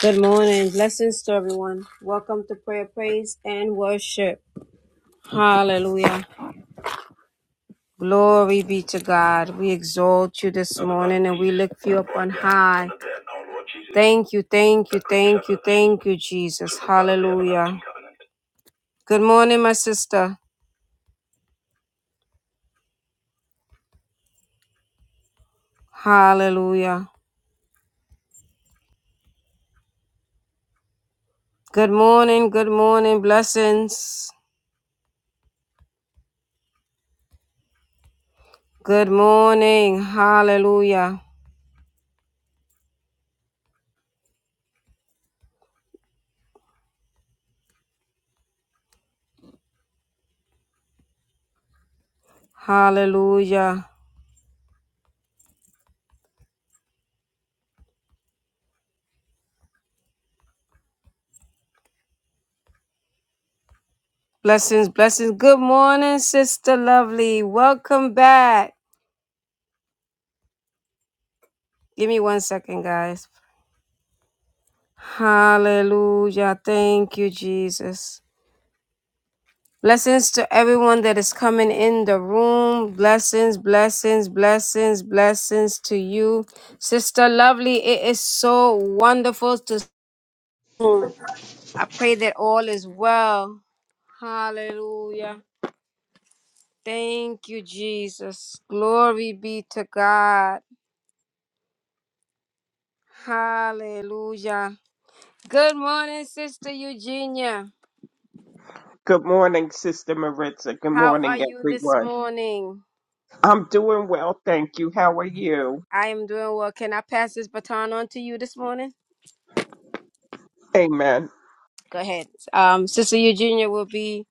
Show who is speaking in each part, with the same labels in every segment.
Speaker 1: Good morning. Blessings to everyone. Welcome to prayer, praise, and worship. Hallelujah. Glory be to God. We exalt you this morning and we lift you up on high. Thank you, thank you, thank you, thank you, Jesus. Hallelujah. Good morning, my sister. Hallelujah. Good morning, good morning. Blessings. Good morning. Hallelujah. Hallelujah. Blessings, blessings. Good morning, Sister Lovely. Welcome back. Give me one second, guys. Hallelujah. Thank you, Jesus. Blessings to everyone that is coming in the room. Blessings, blessings, blessings, blessings to you. Sister Lovely, it is so wonderful to I pray that all is well. Hallelujah. Thank you, Jesus. Glory be to God. Hallelujah. Good morning, Sister Eugenia.
Speaker 2: Good morning, Sister Maritza. Good
Speaker 1: How are
Speaker 2: morning,
Speaker 1: you this
Speaker 2: everyone.
Speaker 1: morning?
Speaker 2: I'm doing well, thank you. How are you?
Speaker 1: I am doing well. Can I pass this baton on to you this morning?
Speaker 2: Amen.
Speaker 1: Go ahead. Um, Sister Eugenia will be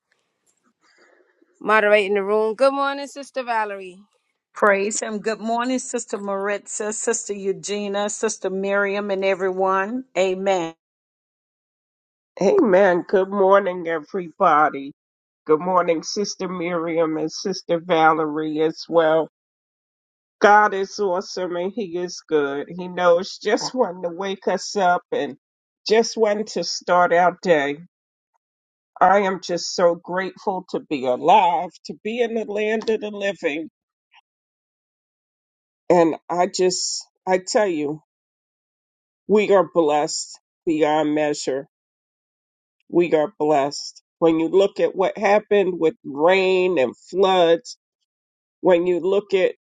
Speaker 1: moderating the room. Good morning, Sister Valerie.
Speaker 3: Praise him. Good morning, Sister Maritza, Sister Eugenia, Sister Miriam, and everyone. Amen.
Speaker 2: Amen. Good morning, everybody. Good morning, Sister Miriam and Sister Valerie as well. God is awesome and He is good. He knows just when to wake us up and just when to start our day. I am just so grateful to be alive, to be in the land of the living. And I just, I tell you. We are blessed beyond measure. We are blessed. When you look at what happened with rain and floods, when you look at,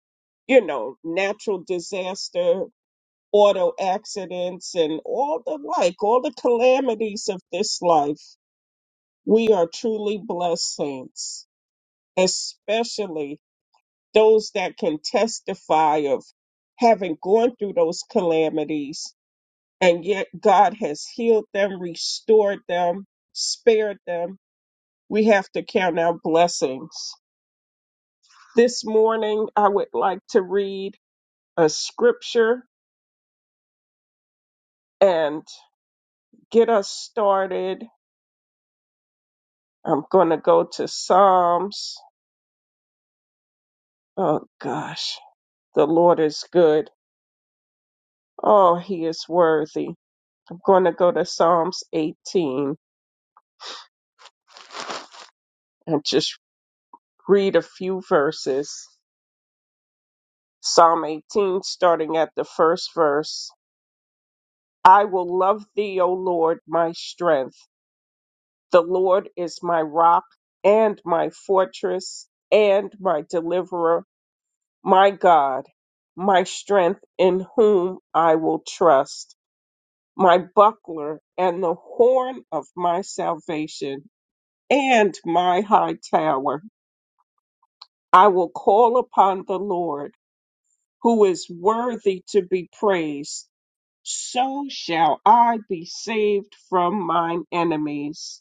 Speaker 2: you know, natural disaster, auto accidents, and all the like, all the calamities of this life, we are truly blessed saints, especially those that can testify of having gone through those calamities and yet God has healed them, restored them, spared them. We have to count our blessings. This morning, I would like to read a scripture and get us started. I'm going to go to Psalms. Oh, gosh, the Lord is good. Oh, he is worthy. I'm going to go to Psalms 18 and just read a few verses. Psalm 18, starting at the first verse. I will love thee, O Lord, my strength. The Lord is my rock and my fortress and my deliverer, my God, my strength in whom I will trust, my buckler and the horn of my salvation and my high tower. I will call upon the Lord who is worthy to be praised. So shall I be saved from mine enemies.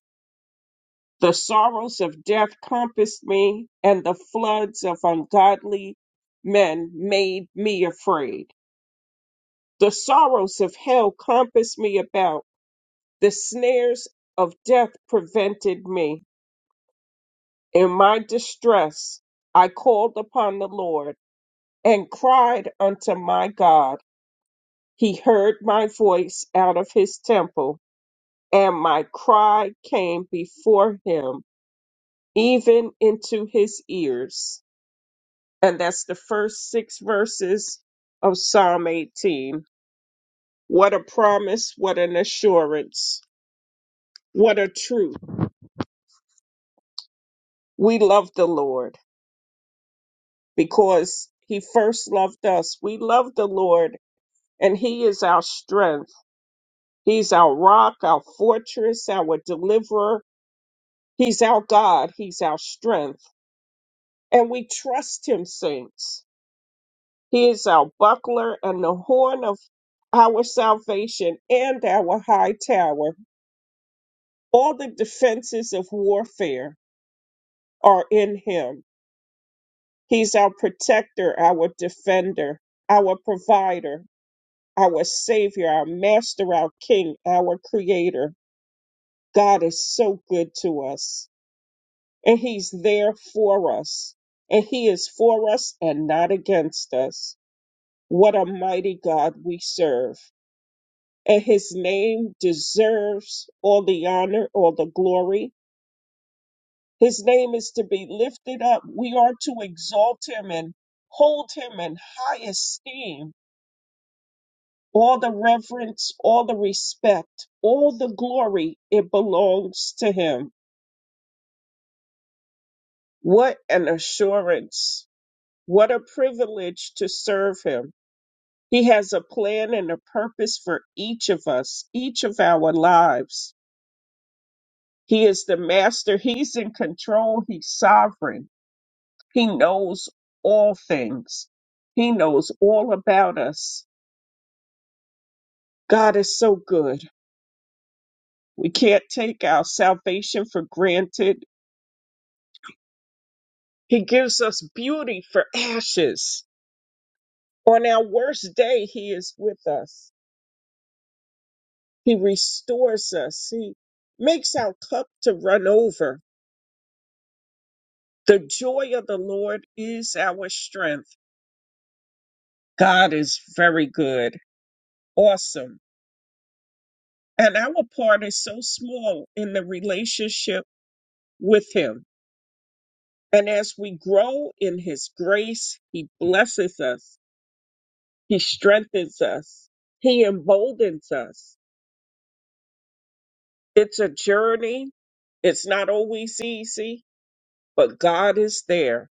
Speaker 2: The sorrows of death compassed me, and the floods of ungodly men made me afraid. The sorrows of hell compassed me about. The snares of death prevented me. In my distress, I called upon the Lord and cried unto my God. He heard my voice out of his temple, and my cry came before him, even into his ears. and that's the first six verses of Psalm 18. What a promise, what an assurance, what a truth. We love the Lord because He first loved us. We love the Lord, and He is our strength. He's our rock, our fortress, our deliverer. He's our God, He's our strength. And we trust Him, saints. He is our buckler and the horn of our salvation and our high tower. All the defenses of warfare are in him. He's our protector, our defender, our provider, our savior, our master, our king, our creator. God is so good to us, and he's there for us, and he is for us and not against us. What a mighty God we serve, and his name deserves all the honor, all the glory His name is to be lifted up. We are to exalt him and hold him in high esteem. All the reverence, all the respect, all the glory, it belongs to him. What an assurance. What a privilege to serve him. He has a plan and a purpose for each of us, each of our lives. He is the master. He's in control. He's sovereign. He knows all things. He knows all about us. God is so good. We can't take our salvation for granted. He gives us beauty for ashes. On our worst day, He is with us. He restores us. He makes our cup to run over. The joy of the Lord is our strength. God is very good, awesome. And our part is so small in the relationship with Him And as we grow in his grace, he blesses us, he strengthens us, he emboldens us. It's a journey, it's not always easy, but God is there.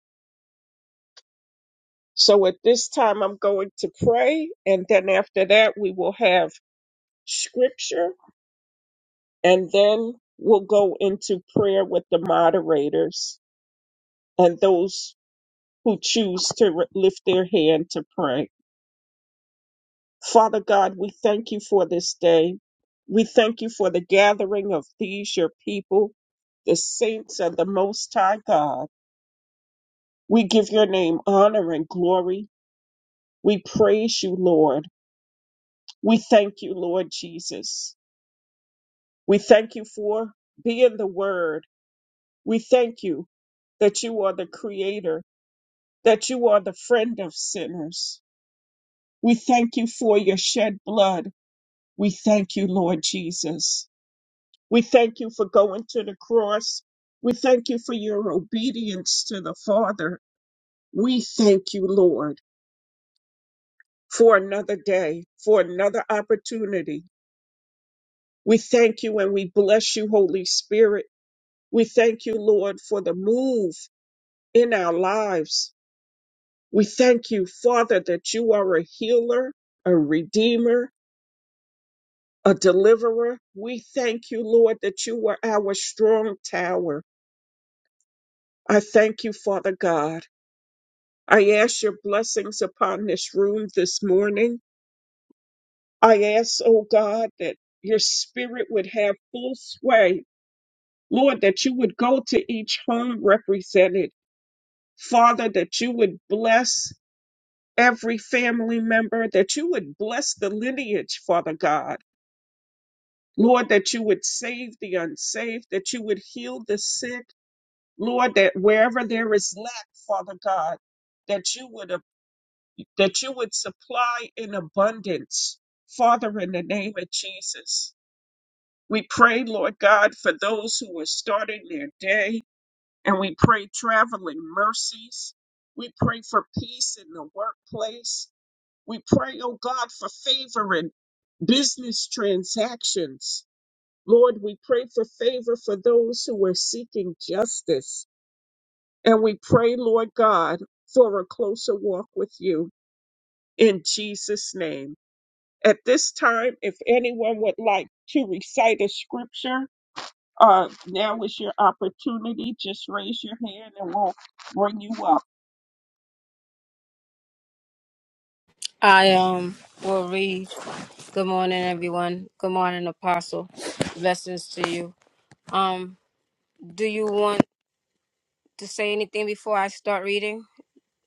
Speaker 2: So at this time, I'm going to pray, and then after that, we will have scripture, and then we'll go into prayer with the moderators and those who choose to lift their hand to pray. Father God, we thank you for this day. We thank you for the gathering of these, your people, the saints of the Most High God. We give your name honor and glory. We praise you, Lord. We thank you, Lord Jesus. We thank you for being the Word. We thank you that you are the Creator, that you are the friend of sinners. We thank you for your shed blood. We thank you, Lord Jesus. We thank you for going to the cross. We thank you for your obedience to the Father. We thank you, Lord, for another day, for another opportunity. We thank you and we bless you, Holy Spirit. We thank you, Lord, for the move in our lives. We thank you, Father, that you are a healer, a redeemer, a deliverer. We thank you, Lord, that you are our strong tower. I thank you, Father God. I ask your blessings upon this room this morning. I ask, oh God, that your spirit would have full sway. Lord, that you would go to each home represented. Father, that you would bless every family member, that you would bless the lineage, Father God. Lord, that you would save the unsaved, that you would heal the sick. Lord, that wherever there is lack, Father God, that you would that you would supply in abundance. Father, in the name of Jesus, we pray, Lord God, for those who are starting their day, and we pray traveling mercies. We pray for peace in the workplace. We pray, oh God, for favor in business transactions. Lord, we pray for favor for those who are seeking justice. And we pray, Lord God, for a closer walk with you in Jesus' name. At this time, if anyone would like to recite a scripture, uh, now is your opportunity. Just raise your hand and we'll bring you up.
Speaker 1: I um will read. Good morning, everyone. Good morning, Apostle. Blessings to you. Um, do you want to say anything before I start reading?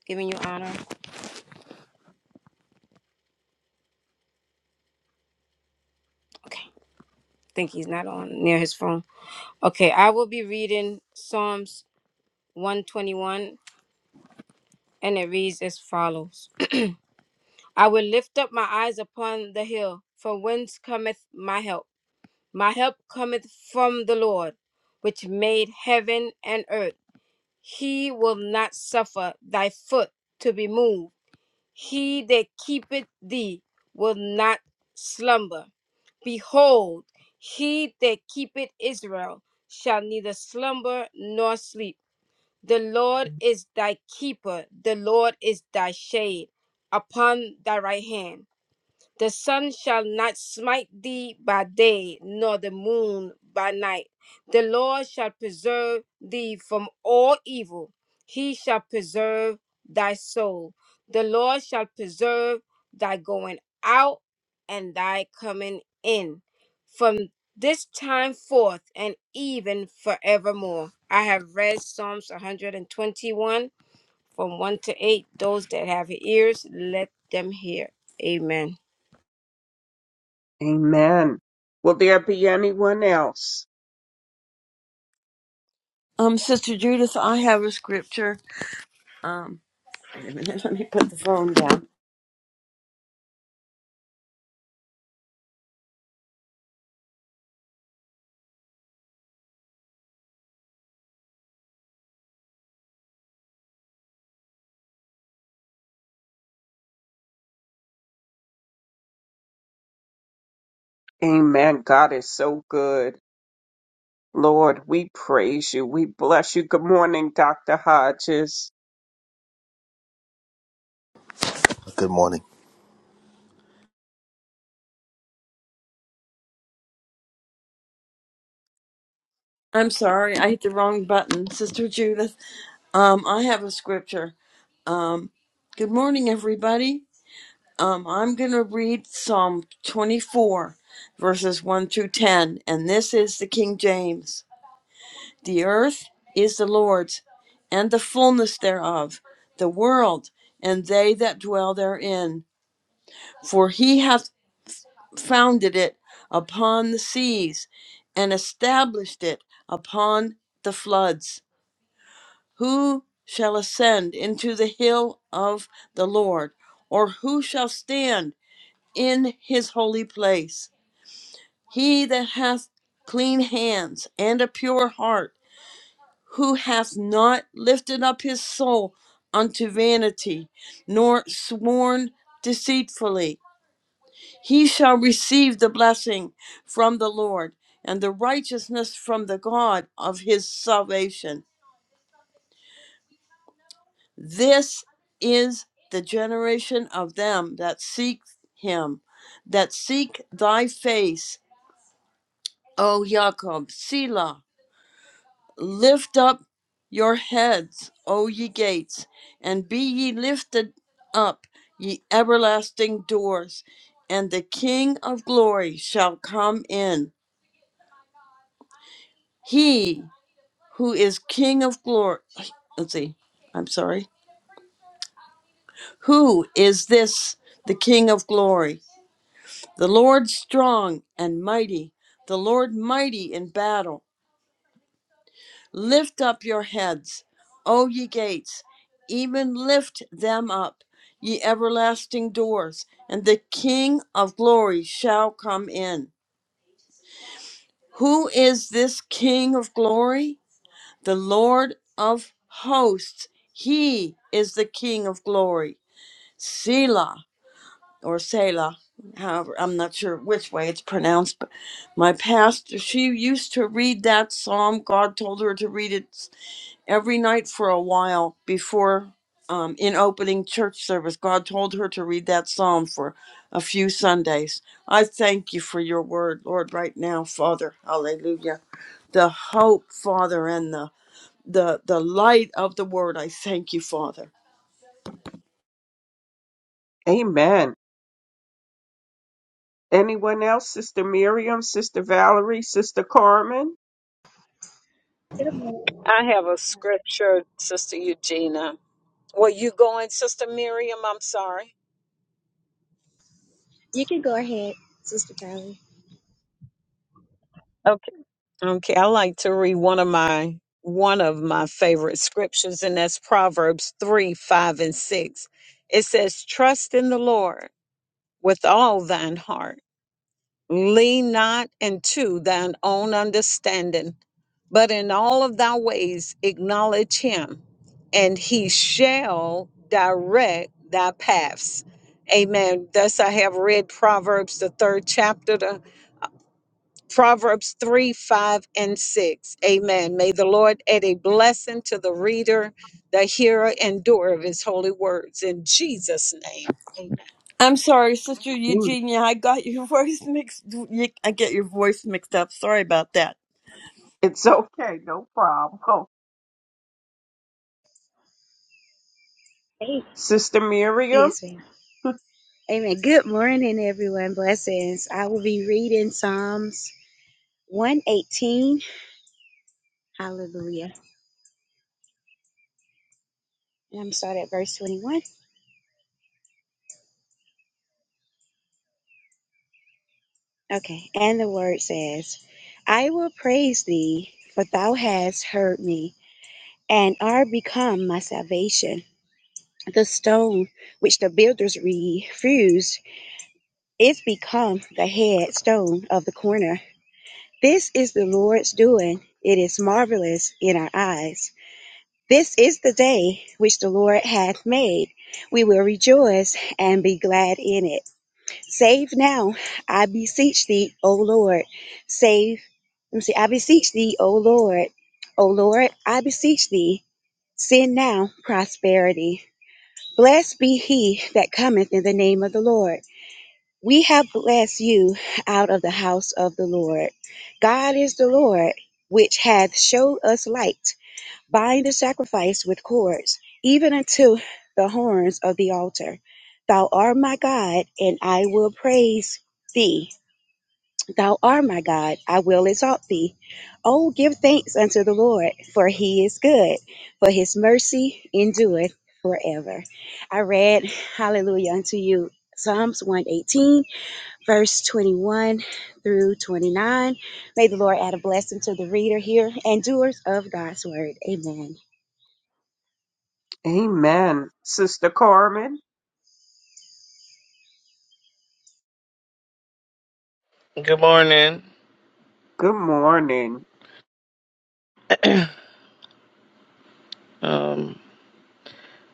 Speaker 1: Giving you honor. Okay. I think he's not on near his phone. Okay, I will be reading Psalms 121, and it reads as follows I will lift up my eyes upon the hill, from whence cometh my help. My help cometh from the Lord, which made heaven and earth. He will not suffer thy foot to be moved. He that keepeth thee will not slumber. Behold, he that keepeth Israel shall neither slumber nor sleep. The Lord is thy keeper, the Lord is thy shade upon thy right hand. The sun shall not smite thee by day, nor the moon by night. The Lord shall preserve thee from all evil. He shall preserve thy soul. The Lord shall preserve thy going out and thy coming in from this time forth and even forevermore. I have read Psalms 121 from 1 to 8. Those that have ears, let them hear. Amen.
Speaker 2: Amen. Will there be anyone else?
Speaker 4: Um, Sister Judith, I have a scripture. Um, wait a minute, let me put the phone down.
Speaker 2: Amen. God is so good. Lord, we praise you. We bless you. Good morning, Dr. Hodges.
Speaker 5: Good morning.
Speaker 4: I'm sorry, I hit the wrong button. Sister Judith, um, I have a scripture. Um, good morning, everybody. Um, I'm going to read Psalm 24, verses 1 through 10, and this is the King James. The earth is the Lord's, and the fullness thereof, the world, and they that dwell therein. For he hath founded it upon the seas and established it upon the floods. Who shall ascend into the hill of the Lord, or who shall stand in his holy place? He that hath clean hands and a pure heart, who hath not lifted up his soul unto vanity, nor sworn deceitfully He shall receive the blessing from the Lord and the righteousness from the God of his salvation. This is the generation of them that seek him, that seek thy face, O Jacob, Selah. Lift up your heads, O ye gates, and be ye lifted up, ye everlasting doors, and the King of glory shall come in. He who is King of glory. Let's see. I'm sorry. Who is this, the King of glory? The Lord strong and mighty, the Lord mighty in battle. Lift up your heads, O ye gates, even lift them up, ye everlasting doors, and the King of glory shall come in. Who is this King of glory? The Lord of hosts. He is the King of glory. Sela or Selah, however, I'm not sure which way it's pronounced, but my pastor, she used to read that psalm. God told her to read it every night for a while before, um, in opening church service. God told her to read that psalm for a few Sundays. I thank you for your word, Lord, right now, Father. Hallelujah. The hope, Father, and the the, the light of the word. I thank you, Father.
Speaker 2: Amen. Anyone else? Sister Miriam, Sister Valerie, Sister Carmen?
Speaker 6: Good morning.
Speaker 3: I have a scripture, Sister Eugenia. Were you going, Sister Miriam? I'm sorry.
Speaker 6: You can go ahead, Sister Valerie.
Speaker 3: Okay. Okay. I like to read one of my one of my favorite scriptures, and that's Proverbs three, five, and six. It says, Trust in the Lord with all thine heart Lean not into thine own understanding, but in all of thy ways acknowledge him, and he shall direct thy paths. Amen. Thus I have read Proverbs, the third chapter, the Proverbs 3, 5, and 6. Amen. May the Lord add a blessing to the reader, the hearer, and doer of his holy words. In Jesus' name.
Speaker 4: I'm sorry, Sister
Speaker 2: Mm,
Speaker 4: Eugenia. I got your voice mixed. you- I get your voice mixed up. Sorry about that.
Speaker 2: It's okay. No problem.
Speaker 6: Hey,
Speaker 2: Sister Miriam?
Speaker 6: Yes, ma'am. Amen. Good morning, everyone. Blessings. I will be reading Psalms 118. Hallelujah. And I'm start at verse 21. Okay. And the word says, I will praise thee, for thou hast heard me, and are become my salvation. The stone which the builders refused is become the headstone of the corner. This is the Lord's doing. It is marvelous in our eyes. This is the day which the Lord hath made. We will rejoice and be glad in it. Save now, I beseech thee, O Lord. Save, let me see, I beseech thee, O Lord. O Lord, I beseech thee, send now prosperity. Blessed be he that cometh in the name of the Lord. We have blessed you out of the house of the Lord. God is the Lord, which hath showed us light. Bind the sacrifice with cords, even unto the horns of the altar. Thou art my God, and I will praise thee. Thou art my God, I will exalt thee. Oh, give thanks unto the Lord, for he is good, for his mercy endureth forever. I read, Hallelujah, unto you, Psalms 118 verse 21 through 29. May the Lord add a blessing to the reader here and doers of God's word. Amen.
Speaker 2: Amen. Sister Carmen,
Speaker 7: Good morning.
Speaker 2: good morning.
Speaker 7: um,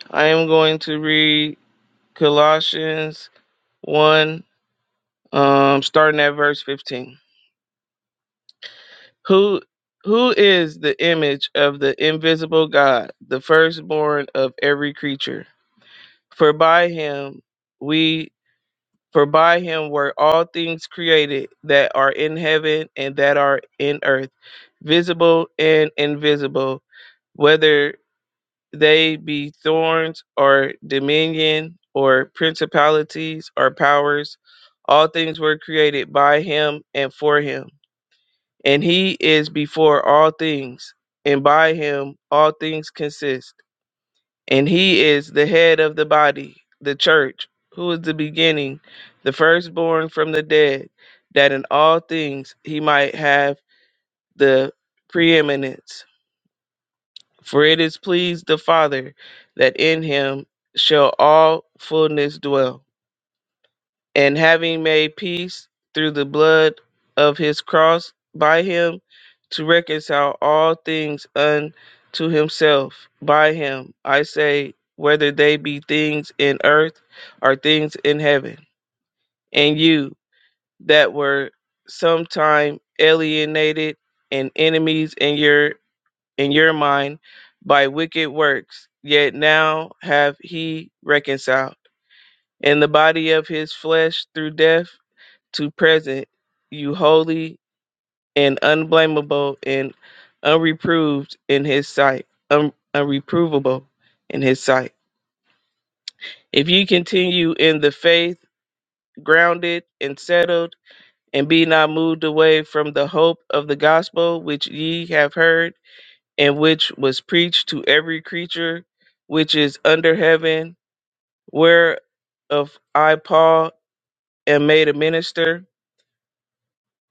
Speaker 7: I am going to read Colossians 1, um, starting at verse 15. Who who is the image of the invisible God, the firstborn of every creature? For by him we for by him were all things created that are in heaven and that are in earth, visible and invisible, whether they be thorns or dominion or principalities or powers. All things were created by him and for him. And he is before all things, and by him all things consist. And he is the head of the body, the church, who is the beginning, the firstborn from the dead, that in all things he might have the preeminence. For it is pleased the Father that in him shall all fullness dwell. And having made peace through the blood of his cross by him, to reconcile all things unto himself by him, I say, whether they be things in earth or things in heaven. And you that were sometime alienated and enemies in your in your mind by wicked works, yet now have he reconciled in the body of his flesh through death to present you holy and unblameable and unreproved in his sight, un- unreprovable in his sight. If you continue in the faith, grounded and settled, and be not moved away from the hope of the gospel which ye have heard and which was preached to every creature which is under heaven, whereof I, Paul, am made a minister,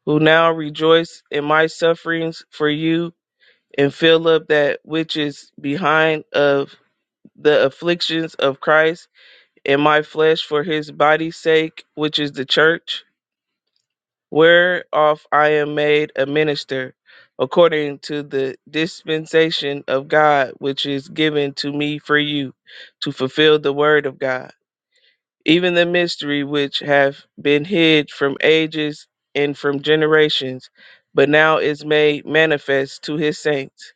Speaker 7: who now rejoice in my sufferings for you, and fill up that which is behind of the afflictions of Christ in my flesh for his body's sake, which is the church whereof I am made a minister, according to the dispensation of God which is given to me for you, to fulfill the word of God, even the mystery which hath been hid from ages and from generations, but now is made manifest to his saints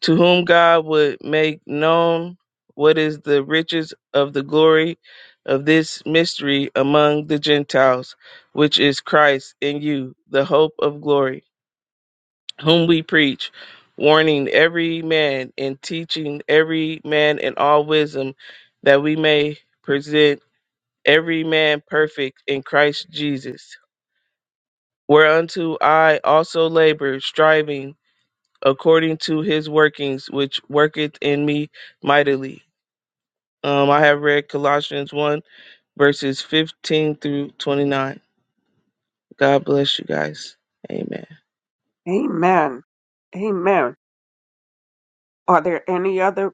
Speaker 7: to whom God would make known what is the riches of the glory of this mystery among the Gentiles, which is Christ in you, the hope of glory, whom we preach, warning every man and teaching every man in all wisdom, that we may present every man perfect in Christ Jesus. Whereunto I also labor, striving according to his workings, which worketh in me mightily. Um, I have read Colossians 1, verses 15 through 29. God bless you guys. Amen.
Speaker 2: Amen. Amen. Are there any other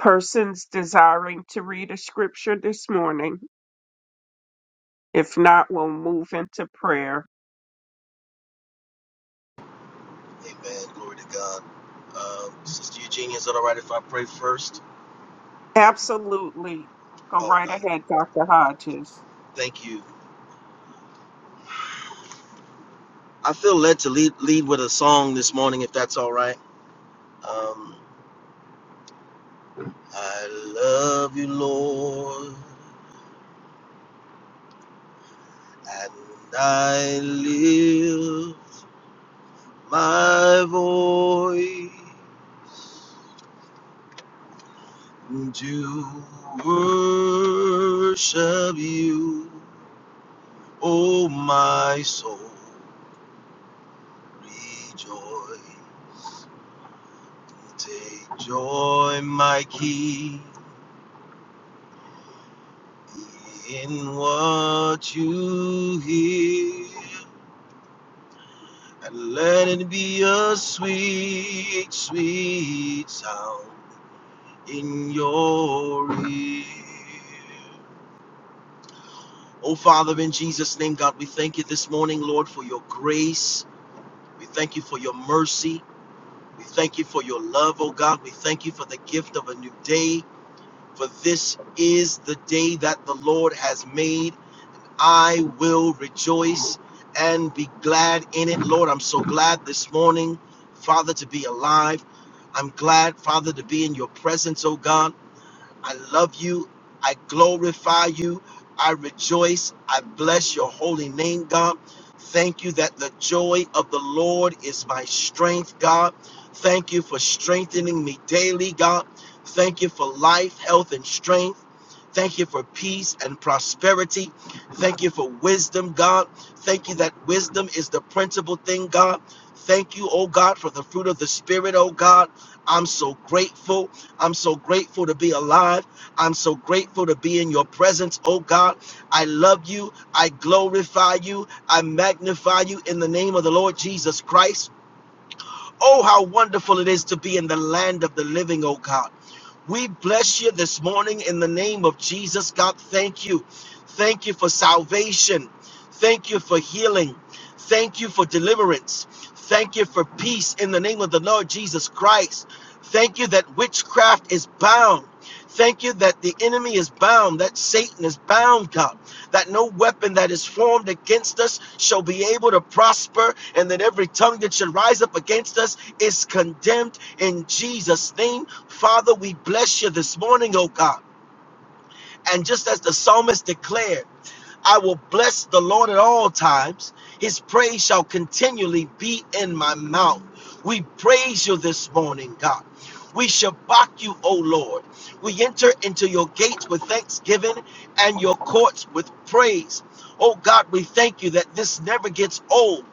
Speaker 2: persons desiring to read a scripture this morning? If not, we'll move into prayer.
Speaker 5: Amen. Glory to God. Um, Sister Eugenia, is it all right if I pray first?
Speaker 2: Absolutely. Go
Speaker 5: All
Speaker 2: right
Speaker 5: right.
Speaker 2: ahead, Dr. Hodges.
Speaker 5: Thank you. I feel led to lead, lead with a song this morning, if that's all right. Um, I love you, Lord, and I lift my voice to worship you, oh my soul, rejoice. Take joy, my King, in what you hear, and let it be a sweet, sweet sound in your ear. Oh, Father, in Jesus' name, God, we thank you this morning, Lord, for your grace. We thank you for your mercy. We thank you for your love, oh God. We thank you for the gift of a new day. For this is the day that the Lord has made I will rejoice and be glad in it. Lord, I'm so glad this morning, Father, to be alive. I'm glad, Father, to be in your presence, oh God. I love you. I glorify you. I rejoice. I bless your holy name, God. Thank you that the joy of the Lord is my strength, God. Thank you for strengthening me daily, God. Thank you for life, health, and strength. Thank you for peace and prosperity. Thank you for wisdom, God. Thank you that wisdom is the principal thing, God. Thank you, oh God, for the fruit of the Spirit, oh God. I'm so grateful. I'm so grateful to be alive. I'm so grateful to be in your presence, oh God. I love you. I glorify you. I magnify you in the name of the Lord Jesus Christ. Oh, how wonderful it is to be in the land of the living, oh God. We bless you this morning in the name of Jesus. God, thank you. Thank you for salvation. Thank you for healing. Thank you for deliverance. Thank you for peace in the name of the Lord Jesus Christ. Thank you that witchcraft is bound. Thank you that the enemy is bound, that Satan is bound, God, that no weapon that is formed against us shall be able to prosper, and that every tongue that should rise up against us is condemned in Jesus' name. Father, we bless you this morning, oh God. And just as the psalmist declared, I will bless the Lord at all times. His praise shall continually be in my mouth. We praise you this morning, God. We shabak you, O Lord. We enter into your gates with thanksgiving and your courts with praise. Oh God, we thank you that this never gets old.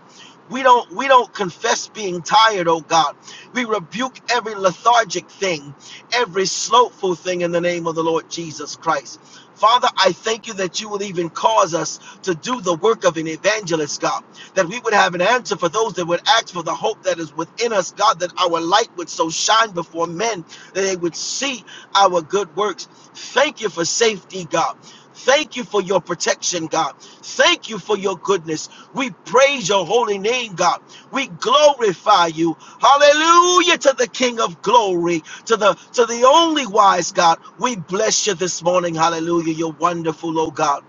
Speaker 5: We don't we don't confess being tired, oh God. We rebuke every lethargic thing, every slothful thing in the name of the Lord Jesus Christ. Father, I thank you that you will even cause us to do the work of an evangelist, God, that we would have an answer for those that would ask for the hope that is within us, God, that our light would so shine before men that they would see our good works. Thank you for safety, God. Thank you for your protection, God. Thank you for your goodness. We praise your holy name, God. We glorify you. Hallelujah to the King of glory, to the to the only wise God. We bless you this morning. Hallelujah. You're wonderful, oh God.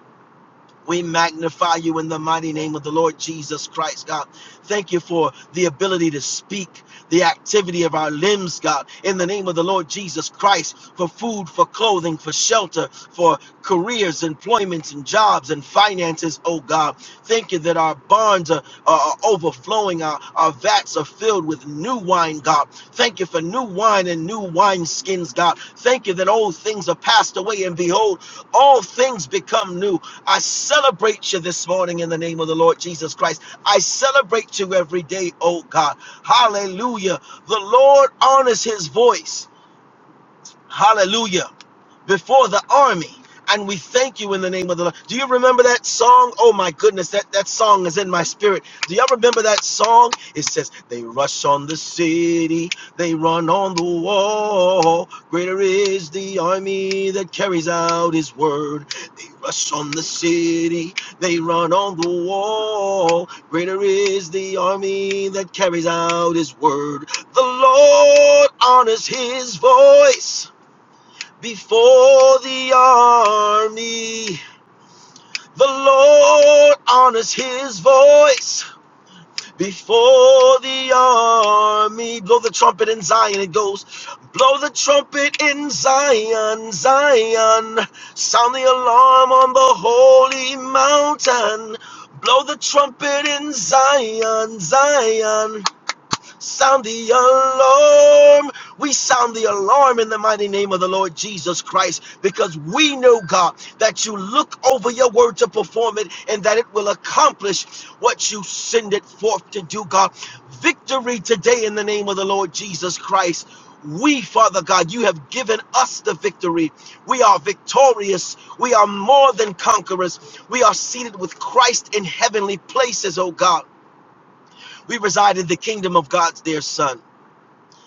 Speaker 5: We magnify you in the mighty name of the Lord Jesus Christ, God. Thank you for the ability to speak, the activity of our limbs, God, in the name of the Lord Jesus Christ, for food, for clothing, for shelter, for careers, employments, and jobs and finances, oh God. Thank you that our barns are, are, are overflowing, our, our vats are filled with new wine, God. Thank you for new wine and new wine skins, God. Thank you that old things are passed away, and behold, all things become new. I celebrate you this morning in the name of the Lord Jesus Christ. I celebrate you every day, oh God. Hallelujah. The Lord honors his voice. Hallelujah. Before the army. And we thank you in the name of the Lord. Do you remember that song? Oh my goodness, that, that song is in my spirit. Do y'all remember that song? It says, They rush on the city, they run on the wall. Greater is the army that carries out his word. They rush on the city, they run on the wall. Greater is the army that carries out his word. The Lord honors his voice before the army. The Lord honors his voice before the army. Blow the trumpet in Zion, it goes. Blow the trumpet in Zion, Zion. Sound the alarm on the holy mountain. Blow the trumpet in Zion, Zion. Sound the alarm. We sound the alarm in the mighty name of the Lord Jesus Christ because we know, God, that you look over your word to perform it and that it will accomplish what you send it forth to do, God. Victory today in the name of the Lord Jesus Christ. We, Father God, you have given us the victory. We are victorious. We are more than conquerors. We are seated with Christ in heavenly places, oh God. We reside in the kingdom of God's dear Son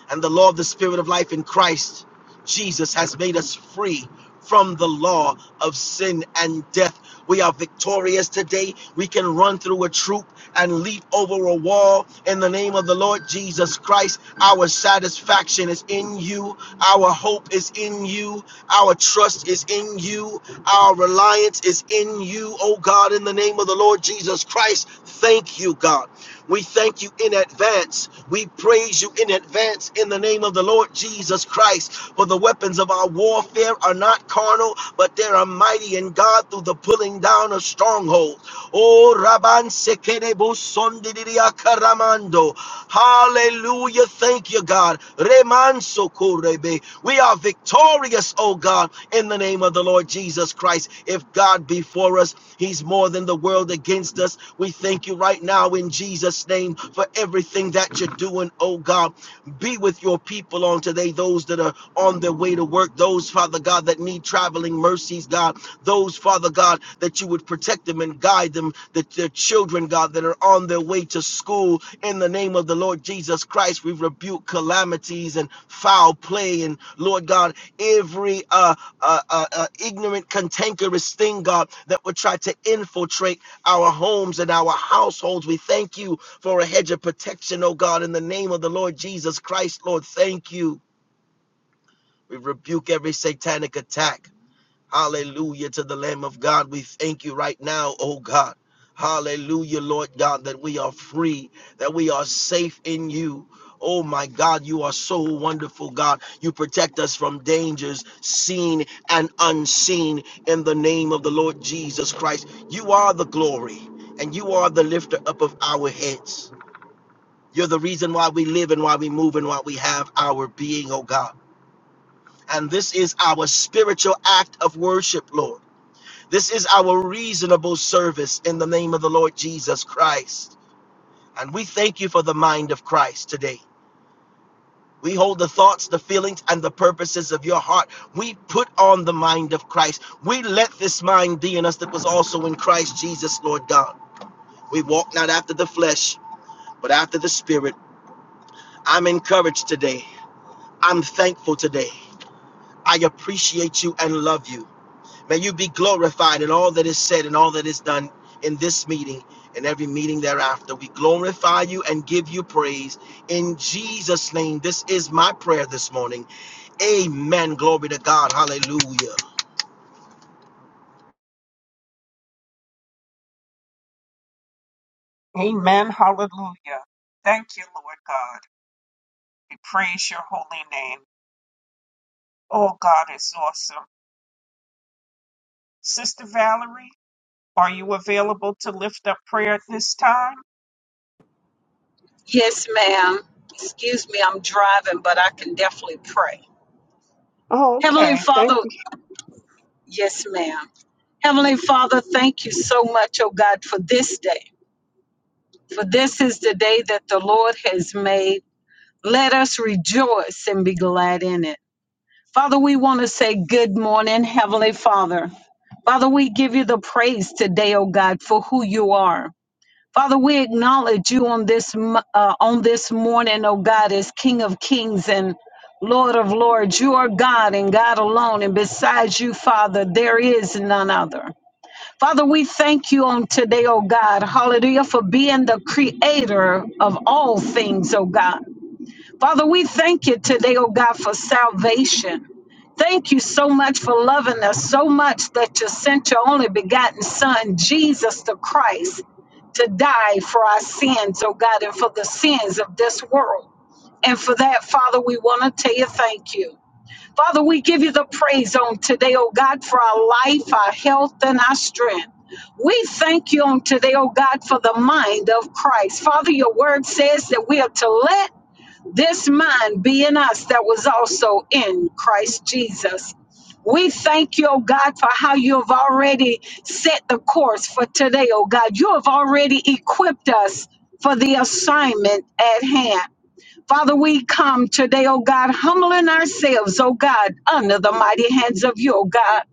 Speaker 5: and the law of the Spirit of life in Christ Jesus has made us free from the law of sin and death. We are victorious today. We can run through a troop and leap over a wall in the name of the Lord Jesus Christ. Our satisfaction is in you. Our hope is in you. Our trust is in you. Our reliance is in you, oh God, in the name of the Lord Jesus Christ. Thank you, God. We thank you in advance. We praise you in advance in the name of the Lord Jesus Christ. For the weapons of our warfare are not carnal, but they are mighty in God through the pulling down of strongholds. Oh, Rabban Sekerebo Sondidia Karamando. Hallelujah. Thank you, God. Reman Sokorebe. We are victorious victorious, oh God, in the name of the Lord Jesus Christ. If God be for us, He's more than the world against us. We thank you right now in Jesus' name for everything that you're doing, oh God. Be with your people on today, those that are on their way to work, those, Father God, that need traveling mercies, God, those, Father God, that you would protect them and guide them, That that children, God, that are on their way to school in the name of the Lord Jesus Christ. We rebuke calamities and foul play, and Lord God, every uh, uh, uh, uh, ignorant, cantankerous thing, God, that would try to infiltrate our homes and our households. We thank you for a hedge of protection, oh God, in the name of the Lord Jesus Christ. Lord, thank you. We rebuke every satanic attack. Hallelujah to the Lamb of God. We thank you right now, oh God. Hallelujah, Lord God, that we are free, that we are safe in you. Oh my God, you are so wonderful, God. You protect us from dangers seen and unseen in the name of the Lord Jesus Christ. You are the glory and you are the lifter up of our heads. You're the reason why we live and why we move and why we have our being, oh God. And this is our spiritual act of worship, Lord. This is our reasonable service in the name of the Lord Jesus Christ. And we thank you for the mind of Christ today. We hold the thoughts, the feelings, and the purposes of your heart. We put on the mind of Christ. We let this mind be in us that was also in Christ Jesus, Lord God. We walk not after the flesh, but after the Spirit. I'm encouraged today. I'm thankful today. I appreciate you and love you. May you be glorified in all that is said and all that is done in this meeting and every meeting thereafter. We glorify you and give you praise in Jesus' name. This is my prayer this morning. Amen. Glory to God. Hallelujah.
Speaker 2: Amen. Hallelujah. Thank you, Lord God. We praise your holy name. Oh, God is awesome. Sister Valerie, are you available to lift up prayer at this time?
Speaker 3: Yes, ma'am. Excuse me, I'm driving, but I can definitely pray.
Speaker 2: Oh,
Speaker 3: Heavenly
Speaker 2: okay.
Speaker 3: Father,
Speaker 2: Thank you.
Speaker 3: yes, ma'am. Heavenly Father, thank you so much, oh God, for this day. For this is the day that the Lord has made. Let us rejoice and be glad in it. Father, we want to say good morning, Heavenly Father. Father, we give you the praise today, oh God, for who you are. Father, we acknowledge you on this mo- uh, on this morning, oh God, as King of Kings and Lord of Lords. You are God and God alone, and besides you, Father, there is none other. Father, we thank you on today, oh God, hallelujah, for being the creator of all things, oh God. Father, we thank you today, oh God, for salvation. Thank you so much for loving us so much that you sent your only begotten Son, Jesus the Christ, to die for our sins, oh God, and for the sins of this world. And for that, Father, we want to tell you thank you. Father, we give you the praise on today, oh God, for our life, our health, and our strength. We thank you on today, oh God, for the mind of Christ. Father, your word says that we are to let this mind be in us that was also in Christ Jesus. We thank you, oh God, for how you have already set the course for today, oh God. You have already equipped us for the assignment at hand. Father, we come today, oh God, humbling ourselves, oh God, under the mighty hands of you, oh God.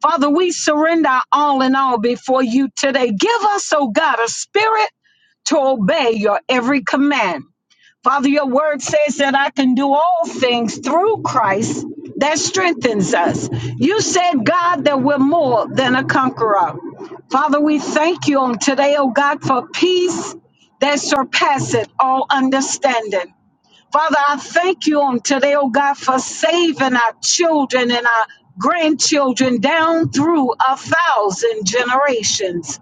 Speaker 3: Father, we surrender our all in all before you today. Give us, oh God, a spirit to obey your every command Father, your word says that I can do all things through Christ that strengthens us. You said, God, that we're more than a conqueror. Father, we thank you on today, oh God, for peace that surpasseth all understanding. Father, I thank you on today, oh God, for saving our children and our grandchildren down through a thousand generations.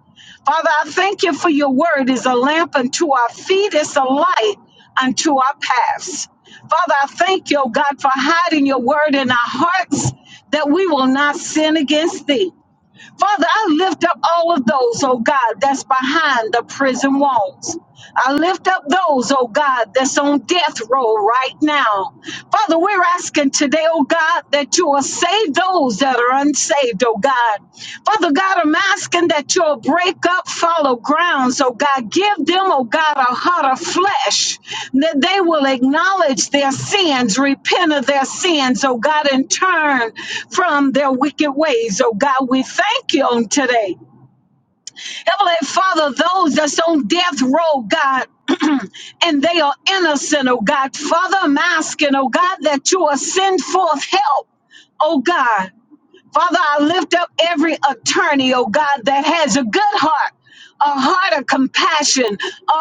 Speaker 3: Father, I thank you for your word is a lamp unto our feet, it's a light unto our paths. Father, I thank you, oh God, for hiding your word in our hearts that we will not sin against thee. Father, I lift up all of those, oh God, that's behind the prison walls. I lift up those, oh God, that's on death row right now. Father, we're asking today, oh God, that you will save those that are unsaved, oh God. Father God, I'm asking that you'll break up fallow grounds, oh God. Give them, oh God, a heart of flesh, that they will acknowledge their sins, repent of their sins, oh God, and turn from their wicked ways, oh God. We thank you on today. Heavenly Father, those that's on death row, God and they are innocent, oh God. Father, I'm asking, oh God, that you will send forth help, oh God. Father, I lift up every attorney, oh God, that has a good heart, a heart of compassion, a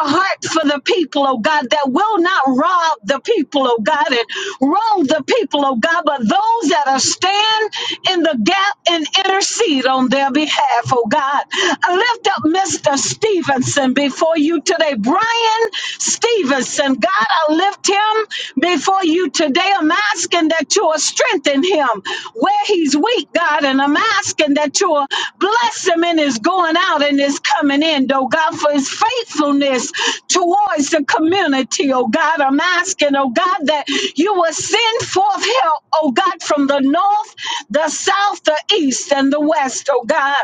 Speaker 3: heart for the people, oh God, that will not rob the people, oh God, and wrong the people, oh God, but those that are stand in the gap and intercede on their behalf, oh God. I lift up Mr. Stevenson before you today, Brian Stevenson. God, I lift him before you today. I'm asking that you will strengthen him where he's weak, God, and I'm asking that you will bless him in his going out and his coming in, though, God, for his faithfulness towards the community, oh God. I'm asking, oh God, that you will send forth help, oh God, from the north, the south, the east, and the west, oh God.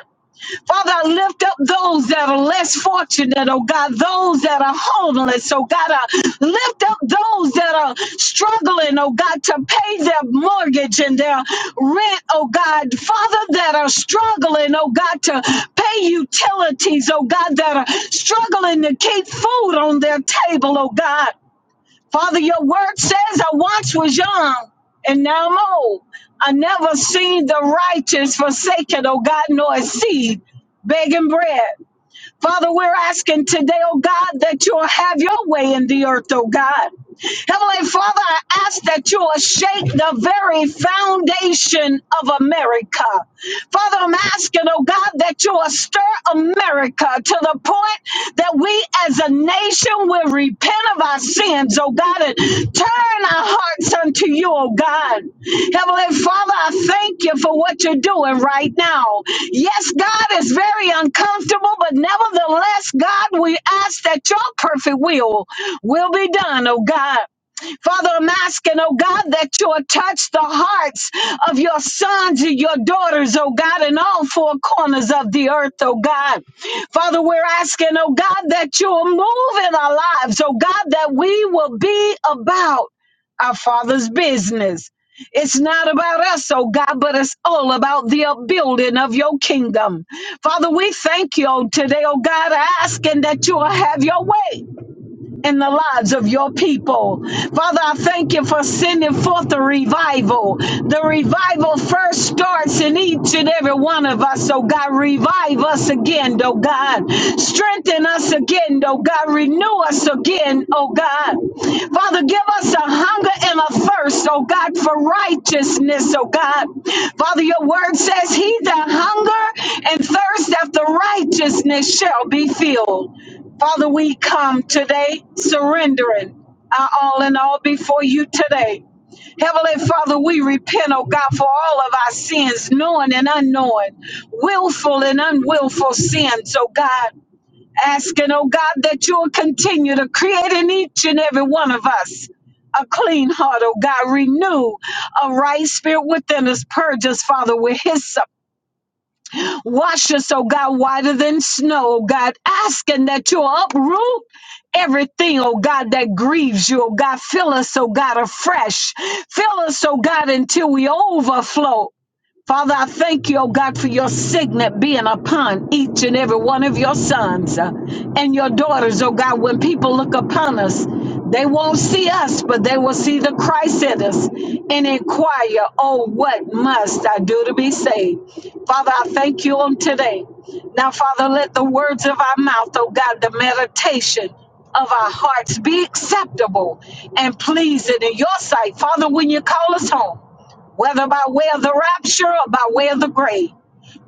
Speaker 3: Father, I lift up those that are less fortunate, oh God, those that are homeless, oh God, I lift up those that are struggling, oh God, to pay their mortgage and their rent, oh God, Father, that are struggling, oh God, to pay utilities, oh God, that are struggling to keep food on their table, oh God. Father, your word says I once was young and now I'm old. I never seen the righteous forsaken, oh God, nor a seed begging bread. Father, we're asking today, oh God, that you'll have your way in the earth, oh God. Heavenly Father, I ask that you will shake the very foundation of America. Father, I'm asking, oh God, that you will stir America to the point that we as a nation will repent of our sins, oh God, and turn our hearts unto you, oh God. Heavenly Father, I thank you for what you're doing right now. Yes, God is very uncomfortable, but nevertheless, God, we ask that your perfect will will be done, oh God. Father, I'm asking, oh God, that you'll touch the hearts of your sons and your daughters, oh God, in all four corners of the earth, oh God. Father, we're asking, oh God, that you'll move in our lives, oh God, that we will be about our Father's business. It's not about us, oh God, but it's all about the upbuilding of your kingdom. Father, we thank you today, oh God, asking that you will have your way in the lives of your people. Father, I thank you for sending forth the revival. The revival first starts in each and every one of us. So, God, revive us again, oh God. Strengthen us again, oh God. Renew us again, oh God. Father, give us a hunger and a thirst, oh God, for righteousness, oh God. Father, your word says, He that hunger and thirst after righteousness shall be filled. Father, we come today surrendering our all in all before you today. Heavenly Father, we repent, oh God, for all of our sins, knowing and unknowing, willful and unwillful sins, oh God. Asking, oh God, that you'll continue to create in each and every one of us a clean heart, oh God. Renew a right spirit within us. Purge us, Father, with hyssop. Wash us, oh God, whiter than snow, oh God, asking that you'll uproot everything, oh God, that grieves you, oh God. Fill us, oh God, afresh. Fill us, oh God, until we overflow. Father, I thank you, oh God, for your signet being upon each and every one of your sons uh, and your daughters, oh God. When people look upon us, they won't see us, but they will see the Christ in us and inquire, oh, what must I do to be saved? Father, I thank you on today. Now, Father, let the words of our mouth, oh God, the meditation of our hearts be acceptable and pleasing in your sight. Father, when you call us home, whether by way of the rapture or by way of the grave.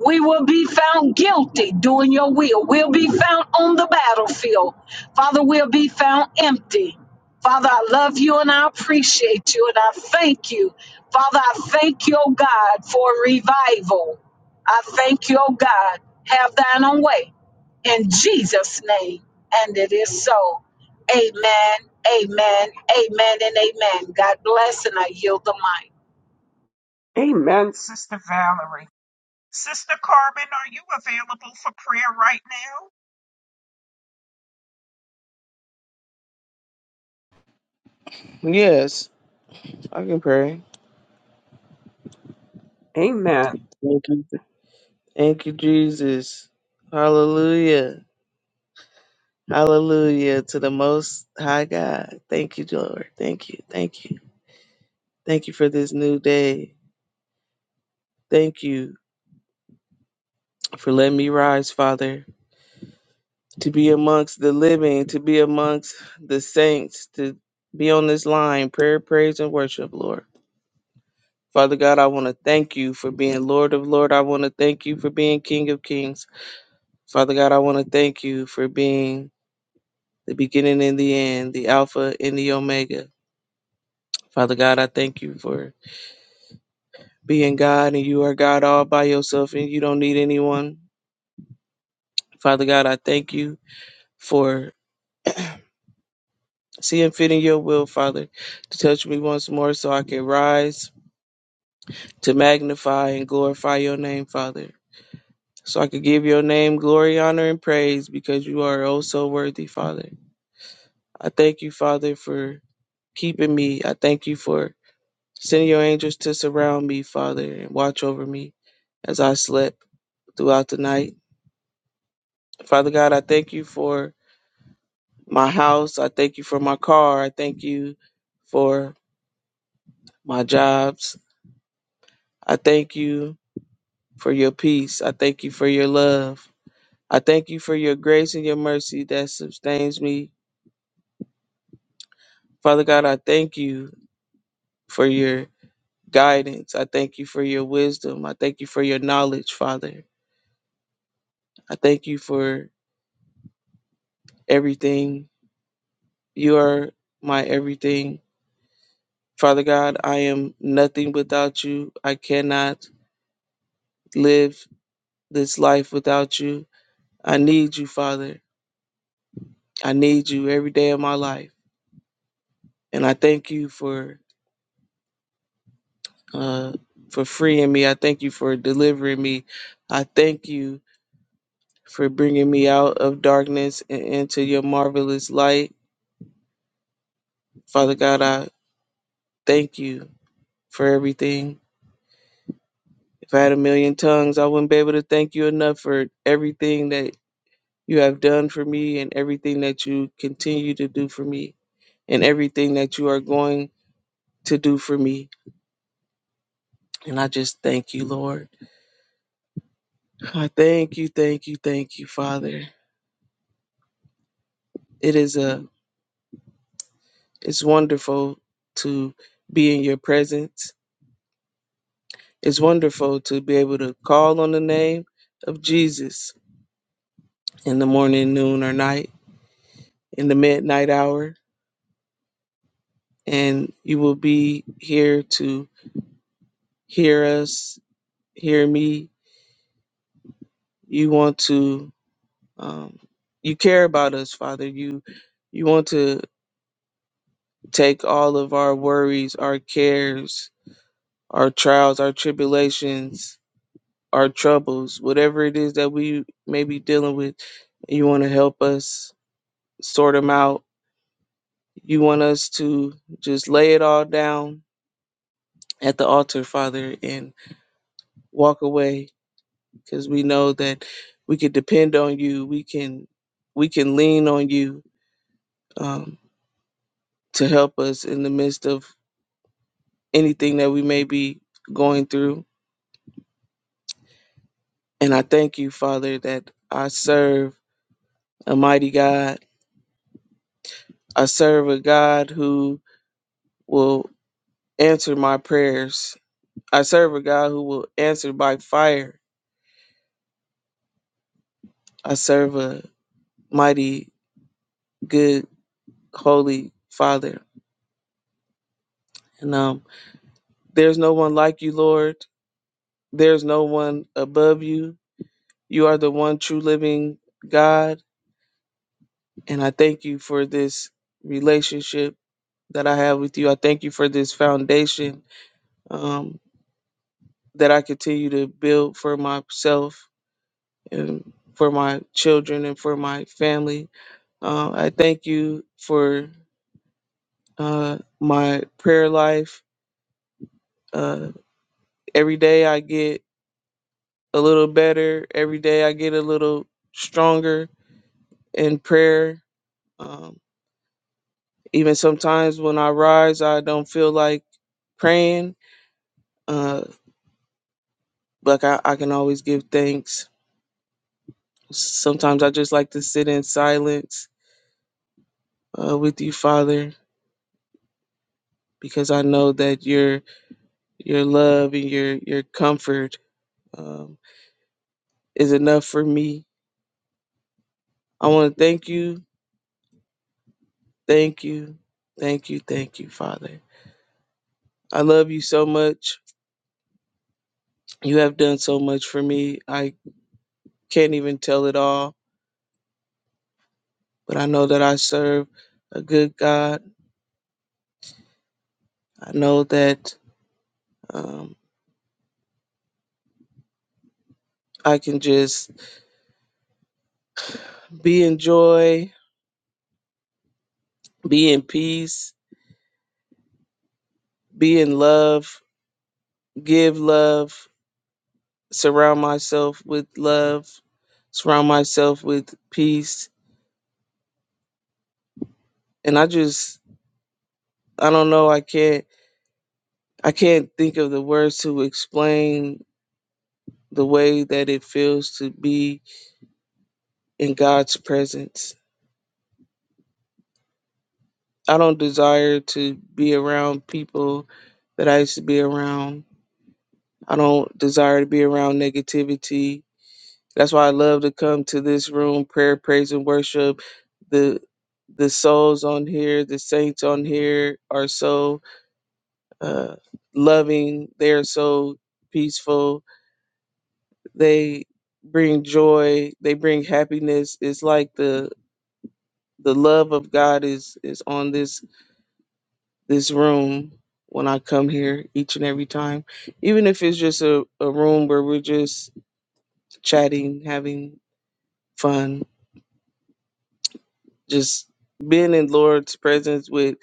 Speaker 3: We will be found guilty doing your will. We'll be found on the battlefield. Father, we'll be found empty. Father, I love you and I appreciate you and I thank you. Father, I thank you, oh God, for revival. I thank you, oh God. Have thine own way. In Jesus' name. And it is so. Amen, amen, amen, and amen. God bless and I yield the mic.
Speaker 2: Amen, Sister Valerie. Sister Carmen, are you available for prayer right
Speaker 7: Yes, I can pray.
Speaker 2: now? Amen.
Speaker 7: Thank you. Thank you, Jesus. Hallelujah. Hallelujah to the most high God. Thank you, Lord. Thank you. Thank you. Thank you for this new day. Thank you for letting me rise, Father, to be amongst the living, to be amongst the saints, to be on this line, prayer, praise, and worship, Lord. Father God, I want to thank you for being Lord of Lord. I want to thank you for being King of Kings. Father God, I want to thank you for being the beginning and the end, the Alpha and the Omega. Father God, I thank you for being God and you are God all by yourself and you don't need anyone. Father God, I thank you for seeing fit in your will, Father, to touch me once more so I can rise to magnify and glorify your name, Father. So I can give your name glory, honor, and praise because you are oh so worthy, Father. I thank you, Father, for keeping me. I thank you for sending your angels to surround me, Father, and watch over me as I slept throughout the night. Father God, I thank you for my house. I thank you for my car. I thank you for my jobs. I thank you for your peace. I thank you for your love. I thank you for your grace and your mercy that sustains me. Father God, I thank you for your guidance. I thank you for your wisdom. I thank you for your knowledge, Father. I thank you for everything. You are my everything. Father God, I am nothing without you. I cannot live this life without you. I need you, Father. I need you every day of my life. And I thank you for uh, for freeing me. I thank you for delivering me. I thank you for bringing me out of darkness and into your marvelous light. Father God, I thank you for everything. If I had a million tongues, I wouldn't be able to thank you enough for everything that you have done for me and everything that you continue to do for me and everything that you are going to do for me. And I just thank you, Lord. I thank you, thank you, thank you, Father. It is a it's wonderful to be in your presence. It's wonderful to be able to call on the name of Jesus in the morning, noon, or night, in the midnight hour. And you will be here to hear us, hear me. You want to um, you care about us, Father. You you want to take all of our worries, our cares, our trials, our tribulations, our troubles, whatever it is that we may be dealing with, you want to help us sort them out. You want us to just lay it all down at the altar, Father, and walk away because we know that we can depend on you. We can we can lean on you um, to help us in the midst of anything that we may be going through. And I thank you, Father, that I serve a mighty God I serve a God who will answer my prayers. I serve a God who will answer by fire. I serve a mighty, good, holy Father. And um, there's no one like you, Lord. There's no one above you. You are the one true living God. And I thank you for this relationship that I have with you. I thank you for this foundation um, that I continue to build for myself and for my children and for my family. Uh, I thank you for uh, my prayer life. Uh, every day I get a little better. Every day I get a little stronger in prayer. Um, even sometimes when I rise, I don't feel like praying. Uh, like I, I can always give thanks. Sometimes I just like to sit in silence uh, with you, Father, because I know that you're your love and your your comfort um, is enough for me. I want to thank you, thank you, thank you, thank you, Father. I love you so much. You have done so much for me. I can't even tell it all, but I know that I serve a good God. I know that um, I can just be in joy, be in peace, be in love, give love, surround myself with love, surround myself with peace and I just I don't know I can't I can't think of the words to explain the way that it feels to be in God's presence. I don't desire to be around people that I used to be around. I don't desire to be around negativity. That's why I love to come to this room, prayer, praise, and worship. The the souls on here, the saints on here are so uh, loving. They are so peaceful They bring joy. They bring happiness. It's like the the love of God is is on this this room when I come here each and every time. Even if it's just a, a room where we're just chatting, having fun, just being in Lord's presence with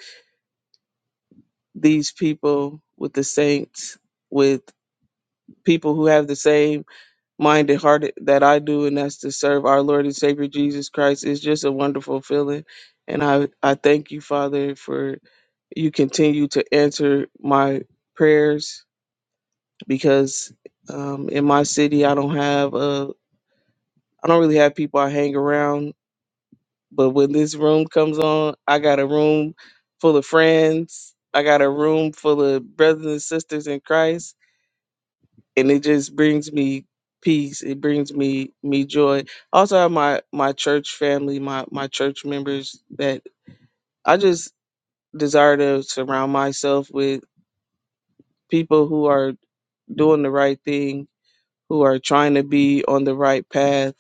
Speaker 7: these people, with the saints, with people who have the same mind and heart that I do, and that's to serve our Lord and Savior Jesus Christ. It's just a wonderful feeling. And I, I thank you, Father, for you continue to answer my prayers because um, in my city, I don't have, uh, I don't really have people I hang around. But when this room comes on, I got a room full of friends. I got a room full of brothers and sisters in Christ and it just brings me peace it brings me me joy I also have my my church family my my church members that i just desire to surround myself with people who are doing the right thing who are trying to be on the right path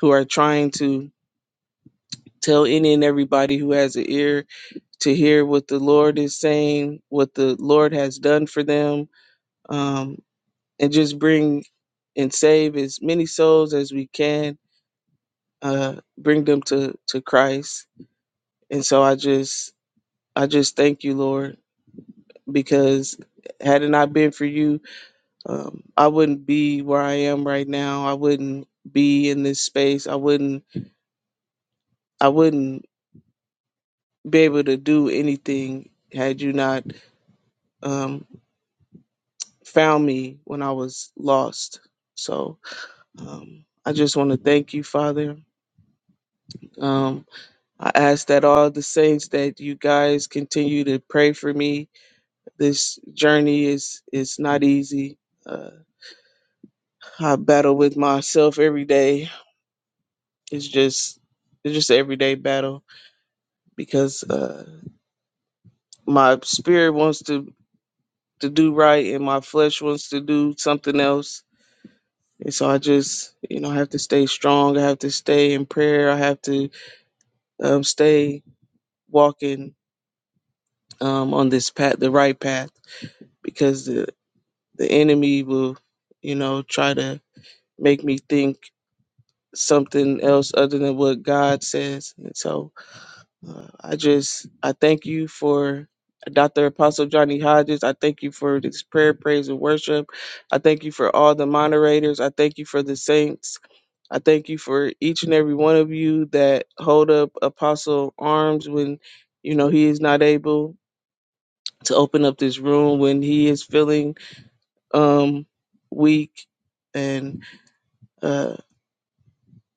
Speaker 7: who are trying to tell any and everybody who has an ear to hear what the lord is saying what the lord has done for them um, and just bring and save as many souls as we can uh, bring them to to Christ. And so I just I just thank you, Lord, because had it not been for you, um, I wouldn't be where I am right now. I wouldn't be in this space. I wouldn't I wouldn't be able to do anything had you not um, found me when I was lost. So um, I just want to thank you, Father. Um, I ask that all the saints that you guys continue to pray for me This journey is is not easy. Uh, I battle with myself every day. It's just it's just an everyday battle because uh, my spirit wants to to do right and my flesh wants to do something else. And so I just you know I have to stay strong. I have to stay in prayer. I have to um, stay walking um, on this path, the right path, because the the enemy will you know try to make me think something else other than what God says. And so uh, I just I thank you for Dr. Apostle Johnny Hodges. I thank you for this prayer, praise, and worship. I thank you for all the moderators. I thank you for the saints. I thank you for each and every one of you that hold up Apostle arms when you know he is not able to open up this room when he is feeling um weak and uh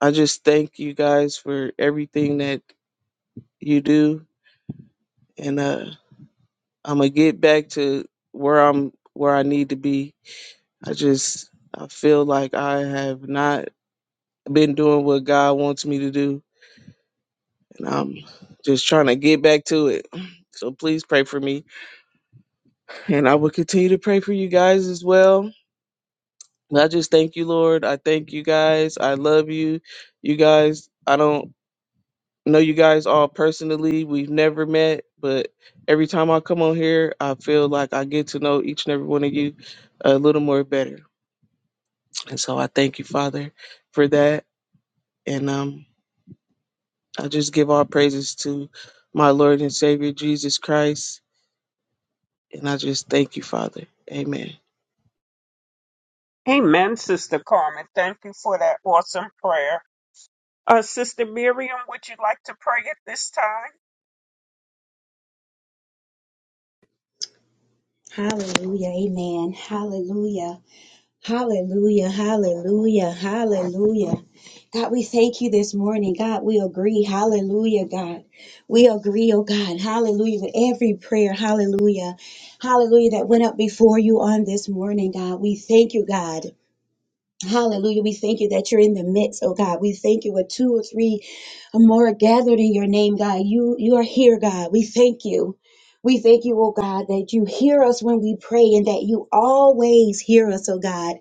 Speaker 7: I just thank you guys for everything that you do and uh i'm gonna get back to where i'm where i need to be i just i feel like i have not been doing what god wants me to do and i'm just trying to get back to it so please pray for me and i will continue to pray for you guys as well But i just thank you lord i thank you guys i love you you guys i don't know you guys all personally. We've never met, but every time I come on here, I feel like I get to know each and every one of you a little more better. And so I thank you, Father, for that. And um, I just give all praises to my Lord and Savior Jesus Christ. And I just thank you, Father. Amen.
Speaker 2: Amen, Sister Carmen. Thank you for that awesome prayer. Uh, Sister Miriam, would you like to pray at this time?
Speaker 6: Hallelujah. Amen. Hallelujah. Hallelujah. Hallelujah. Hallelujah. God, we thank you this morning. God, we agree. Hallelujah, God. We agree, oh God. Hallelujah. With every prayer. Hallelujah. Hallelujah. That went up before you on this morning, God. We thank you, God. Hallelujah. We thank you that you're in the midst, oh God. We thank you with two or three or more are gathered in your name, God. You you are here, God. We thank you. We thank you, oh God, that you hear us when we pray and that you always hear us, oh God.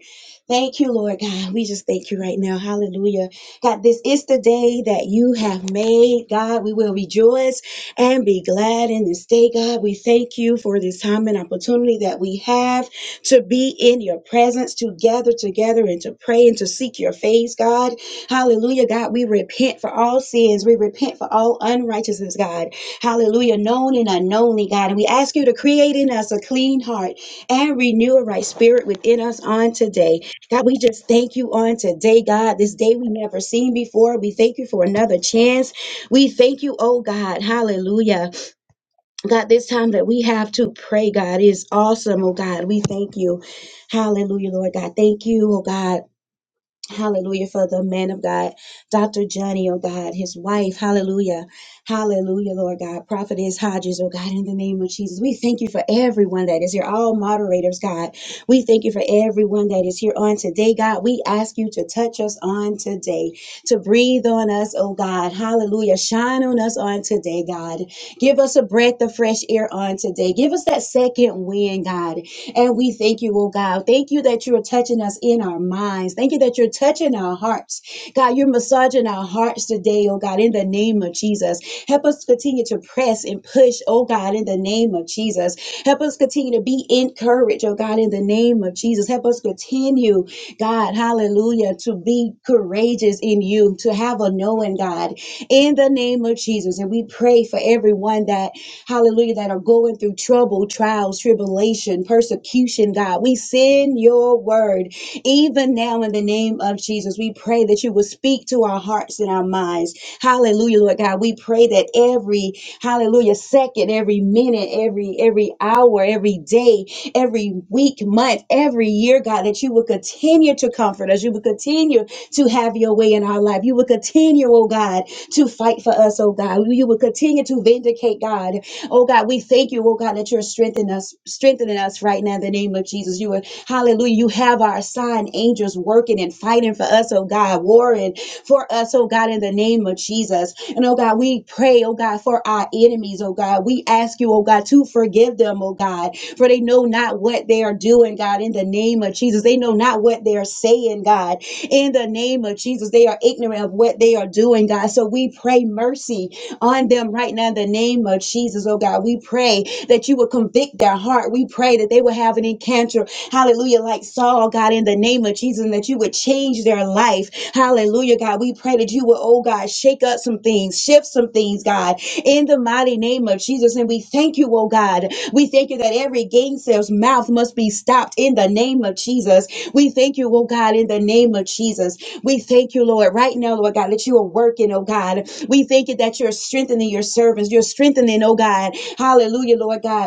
Speaker 6: Thank you, Lord God. We just thank you right now. Hallelujah. God, this is the day that you have made. God, we will rejoice and be glad in this day, God. We thank you for this time and opportunity that we have to be in your presence, to gather together and to pray and to seek your face, God. Hallelujah, God. We repent for all sins. We repent for all unrighteousness, God. Hallelujah, known and unknownly, God. And we ask you to create in us a clean heart and renew a right spirit within us on today. God, we just thank you on today, God. This day we never seen before. We thank you for another chance. We thank you, oh God. Hallelujah. God, this time that we have to pray, God, is awesome, oh God. We thank you. Hallelujah, Lord God. Thank you, oh God. Hallelujah for the man of God, Dr. Johnny, oh God, his wife. Hallelujah. Hallelujah, Lord God. Prophetess Hodges, oh God, in the name of Jesus. We thank you for everyone that is here, all moderators, God. We thank you for everyone that is here on today, God. We ask you to touch us on today, to breathe on us, oh God. Hallelujah. Shine on us on today, God. Give us a breath of fresh air on today. Give us that second wind, God. And we thank you, oh God. Thank you that you're touching us in our minds. Thank you that you're touching our hearts. God, you're massaging our hearts today, oh God, in the name of Jesus. Help us continue to press and push, oh God, in the name of Jesus. Help us continue to be encouraged, oh God, in the name of Jesus. Help us continue, God, hallelujah, to be courageous in you, to have a knowing, God, in the name of Jesus. And we pray for everyone that hallelujah, that are going through trouble, trials, tribulation, persecution, God. We send your word even now in the name of Jesus. We pray that you will speak to our hearts and our minds. Hallelujah, Lord God. We pray that every, hallelujah, second, every minute, every, every hour, every day, every week, month, every year, God, that you will continue to comfort us. You will continue to have your your way in our life. You will continue, oh God, to fight for us, oh God. You will continue to vindicate, God. Oh God, we thank you, oh God, that you're strengthening us, strengthening us right now in the name of Jesus. You are hallelujah. You have our assigned angels working and fighting for us, oh God, warring for us, oh God, in the name of Jesus. And oh God, we pray, oh God, for our enemies, oh God. We ask you, oh God, to forgive them, oh God, for they know not what they are doing, God, in the name of Jesus. They know not what they are saying, God in the name of Jesus. They are ignorant of what they are doing, God. So we pray mercy on them right now in the name of Jesus, oh God. We pray that you will convict their heart. We pray that they will have an encounter, hallelujah, like Saul, God, in the name of Jesus, and that you would change their life, hallelujah, God. We pray that you will, oh God, shake up some things, shift some things, God, in the mighty name of Jesus. And we thank you, oh God. We thank you that every gain sales mouth must be stopped in the name of Jesus. We thank you, oh God, in the name of Jesus. We thank you, Lord, right now, Lord God, that you are working, oh God. We thank you that you're strengthening your servants. You're strengthening, oh God. Hallelujah, Lord God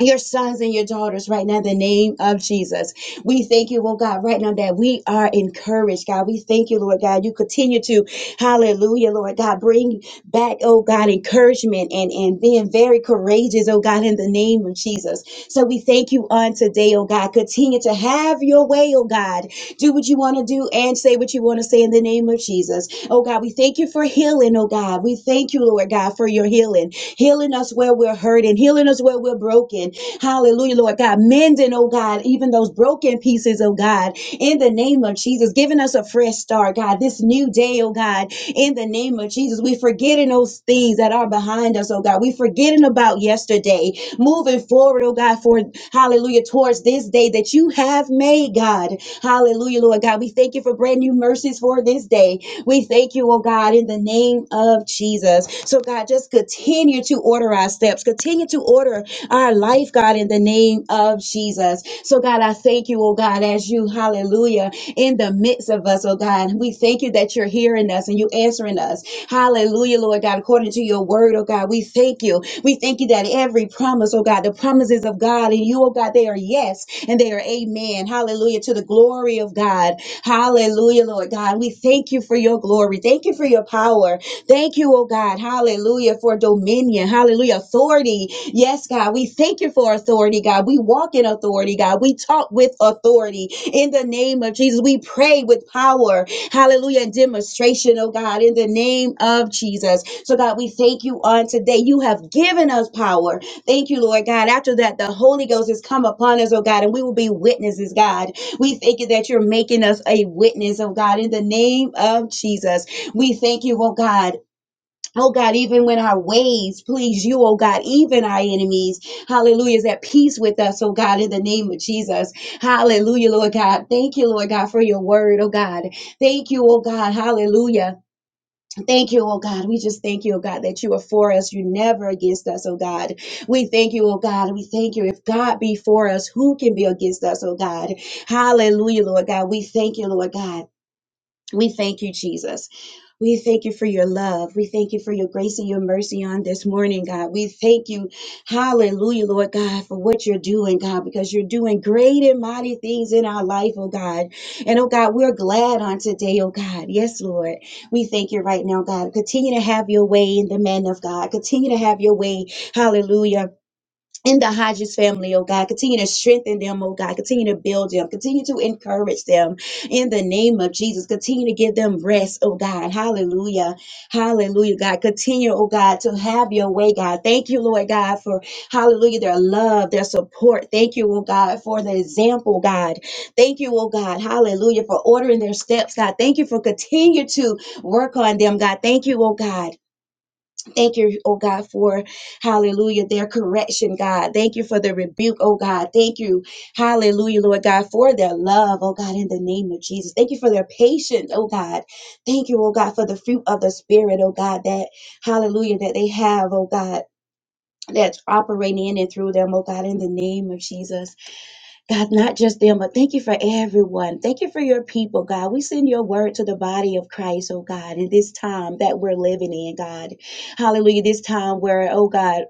Speaker 6: your sons and your daughters right now in the name of Jesus. We thank you, oh God, right now that we are encouraged, God. We thank you, Lord God. You continue to, hallelujah, Lord God, bring back, oh God, encouragement and, and being very courageous, oh God, in the name of Jesus. So we thank you on today, oh God. Continue to have your way, oh God. Do what you want to do and say what you want to say in the name of Jesus. Oh God, we thank you for healing, oh God. We thank you, Lord God, for your healing healing us where we're hurting, healing us where we're broken. Hallelujah, Lord God. Mending, oh God, even those broken pieces, oh God, in the name of Jesus, giving us a fresh start, God, this new day, oh God, in the name of Jesus. We forgetting those things that are behind us, oh God. We forgetting about yesterday, moving forward, oh God, for hallelujah, towards this day that you have made, God. Hallelujah, Lord God. We thank you for brand new mercies for this day. We thank you, oh God, in the name of Jesus. So, God, just continue to order our steps, continue to order our life, God, in the name of Jesus. So, God, I thank you, oh God, as you, hallelujah, in the midst of us, oh God. We thank you that you're hearing us and you answering us. Hallelujah, Lord God, according to your word, oh God. We thank you. We thank you that every promise, oh God, the promises of God and you, oh God, they are yes and they are amen. Hallelujah, to the glory of God. Hallelujah, Lord God. We thank you for your glory. Thank you for your power. Thank you, oh God. Hallelujah, for dominion. Hallelujah, authority. Yes, God. We thank you for authority, God. We walk in authority, God. We talk with authority in the name of Jesus. We pray with power Hallelujah. And demonstration, oh God, in the name of Jesus. So, God, we thank you on today. You have given us power. Thank you, Lord God. After that, the Holy Ghost has come upon us, oh God, and we will be witnesses, God. We thank you that you're making us a witness, oh God, in the name of Jesus. We thank you, oh God. Oh God, even when our ways please you, oh God, even our enemies, hallelujah, is at peace with us, oh God, in the name of Jesus. Hallelujah, Lord God. Thank you, Lord God, for your word, oh God. Thank you, oh God, hallelujah. Thank you, oh God. We just thank you, oh God, that you are for us. You're never against us, oh God. We thank you, oh God. We thank you. If God be for us, who can be against us, oh God? Hallelujah, Lord God. We thank you, Lord God. We thank you, Jesus. We thank you for your love. We thank you for your grace and your mercy on this morning, God. We thank you, hallelujah, Lord God, for what you're doing, God, because you're doing great and mighty things in our life, oh God. And oh God, we're glad on today, oh God. Yes, Lord. We thank you right now, God. Continue to have your way in the man of God. Continue to have your way, hallelujah in the Hodges family, oh God. Continue to strengthen them, oh God. Continue to build them. Continue to encourage them in the name of Jesus. Continue to give them rest, oh God. Hallelujah. Hallelujah, God. Continue, oh God, to have your way, God. Thank you, Lord God, for hallelujah, their love, their support. Thank you, oh God, for the example, God. Thank you, oh God. Hallelujah, for ordering their steps, God. Thank you for continue to work on them, God. Thank you, oh God. Thank you, oh God, for hallelujah, their correction, God. Thank you for the rebuke, oh God. Thank you, hallelujah, Lord God, for their love, oh God, in the name of Jesus. Thank you for their patience, oh God. Thank you, oh God, for the fruit of the Spirit, oh God, that hallelujah, that they have, oh God. That's operating in and through them, oh God, in the name of Jesus. God, not just them, but thank you for everyone. Thank you for your people, God. We send your word to the body of Christ, oh God, in this time that we're living in, God. Hallelujah. This time where, oh God,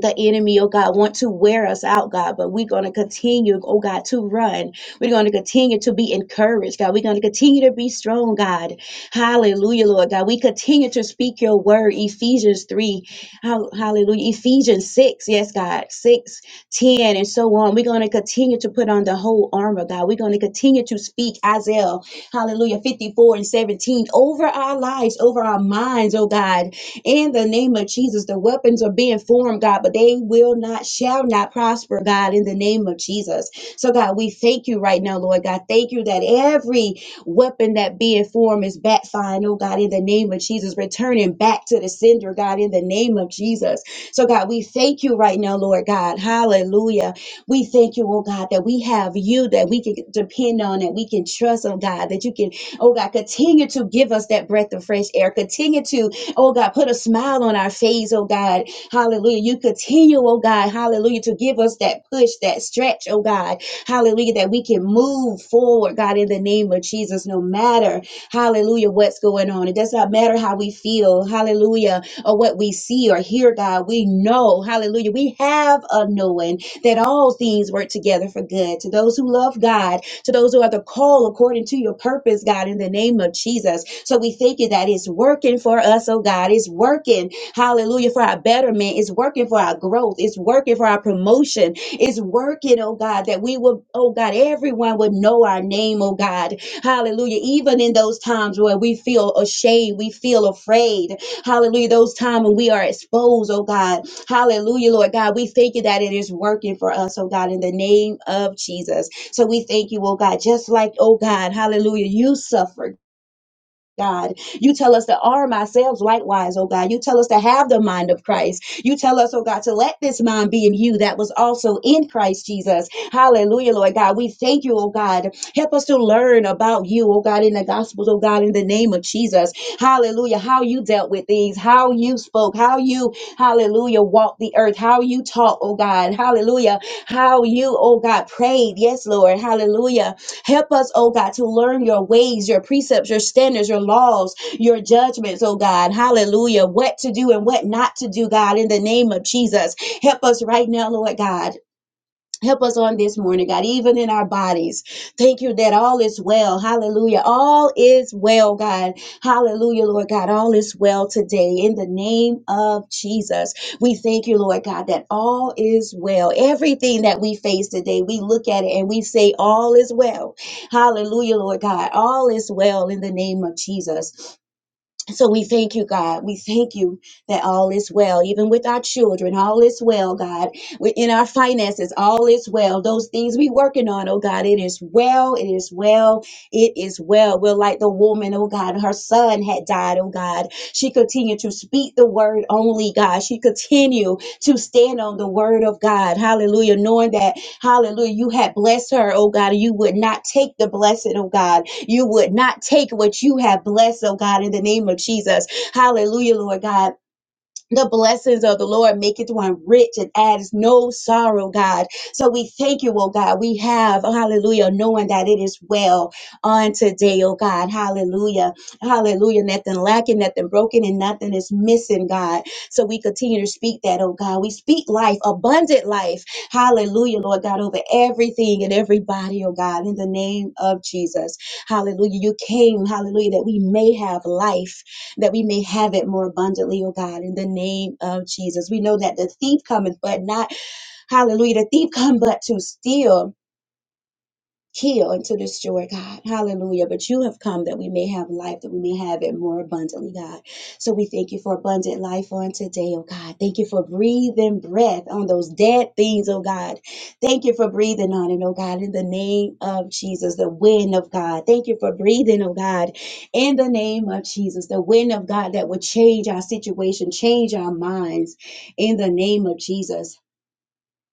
Speaker 6: the enemy, oh God, want to wear us out, God, but we're going to continue, oh God, to run. We're going to continue to be encouraged, God. We're going to continue to be strong, God. Hallelujah, Lord God. We continue to speak your word, Ephesians 3, hallelujah, Ephesians 6, yes, God, 6, 10, and so on. We're going to continue to put on the whole armor, God. We're going to continue to speak Isaiah, hallelujah, 54 and 17 over our lives, over our minds, oh God in the name of Jesus. The weapons are being formed, God, but they will not, shall not prosper, God, in the name of Jesus. So, God, we thank you right now, Lord God. Thank you that every weapon that being formed is backfiring, oh God, in the name of Jesus, returning back to the sender, God, in the name of Jesus. So, God, we thank you right now, Lord God. Hallelujah. We thank you, oh God, that we have you that we can depend on, that we can trust, oh God, that you can, oh God, continue to give us that breath of fresh air. Continue to Oh God, put a smile on our face, oh God. Hallelujah. You continue, oh God, hallelujah, to give us that push, that stretch, oh God. Hallelujah, that we can move forward, God, in the name of Jesus, no matter, hallelujah, what's going on. It does not matter how we feel, hallelujah, or what we see or hear, God. We know, hallelujah, we have a knowing that all things work together for good to those who love God, to those who are the call according to your purpose, God, in the name of Jesus. So we thank you that it's working for us, oh God. It's working, hallelujah, for our betterment. It's working for our growth. It's working for our promotion. It's working, oh God, that we will, oh God, everyone would know our name, oh God. Hallelujah. Even in those times where we feel ashamed, we feel afraid. Hallelujah. Those times when we are exposed, oh God. Hallelujah, Lord God. We thank you that it is working for us, oh God, in the name of Jesus. So we thank you, oh God, just like, oh God, hallelujah, you suffered. God. You tell us to arm ourselves likewise, oh God. You tell us to have the mind of Christ. You tell us, oh God, to let this mind be in you that was also in Christ Jesus. Hallelujah, Lord God. We thank you, oh God. Help us to learn about you, oh God, in the Gospels, oh God, in the name of Jesus. Hallelujah. How you dealt with things, how you spoke, how you, hallelujah, walked the earth, how you taught, oh God. Hallelujah. How you, oh God, prayed. Yes, Lord. Hallelujah Help us, oh God, to learn your ways, your precepts, your standards, your laws, your judgments, oh God. Hallelujah. What to do and what not to do, God, in the name of Jesus. Help us right now, Lord God. Help us on this morning, God, even in our bodies. Thank you that all is well. Hallelujah. All is well, God. Hallelujah, Lord God. All is well today in the name of Jesus. We thank you, Lord God, that all is well. Everything that we face today, we look at it and we say, All is well. Hallelujah, Lord God. All is well in the name of Jesus. So we thank you, God. We thank you that all is well, even with our children. All is well, God. Within our finances, all is well. Those things we working on, oh God, it is well. It is well. It is well. We're like the woman, oh God. Her son had died, oh God. She continued to speak the word only, God. She continued to stand on the word of God. Hallelujah. Knowing that, hallelujah, you had blessed her, oh God, and you would not take the blessing, oh God. You would not take what you have blessed, oh God, in the name of Jesus. Hallelujah, Lord God the blessings of the Lord make it one rich and adds no sorrow, God. So we thank you, oh God. We have, hallelujah, knowing that it is well on today, oh God. Hallelujah. Hallelujah. Nothing lacking, nothing broken, and nothing is missing, God. So we continue to speak that, oh God. We speak life, abundant life. Hallelujah, Lord God, over everything and everybody, oh God, in the name of Jesus. Hallelujah. You came, hallelujah, that we may have life that we may have it more abundantly, oh God, in the name of Jesus. We know that the thief cometh, but not, hallelujah, the thief come but to steal heal into this joy, God. Hallelujah. But you have come that we may have life, that we may have it more abundantly, God. So we thank you for abundant life on today, oh God. Thank you for breathing breath on those dead things, oh God. Thank you for breathing on it, oh God, in the name of Jesus, the wind of God. Thank you for breathing, oh God, in the name of Jesus, the wind of God that would change our situation, change our minds in the name of Jesus.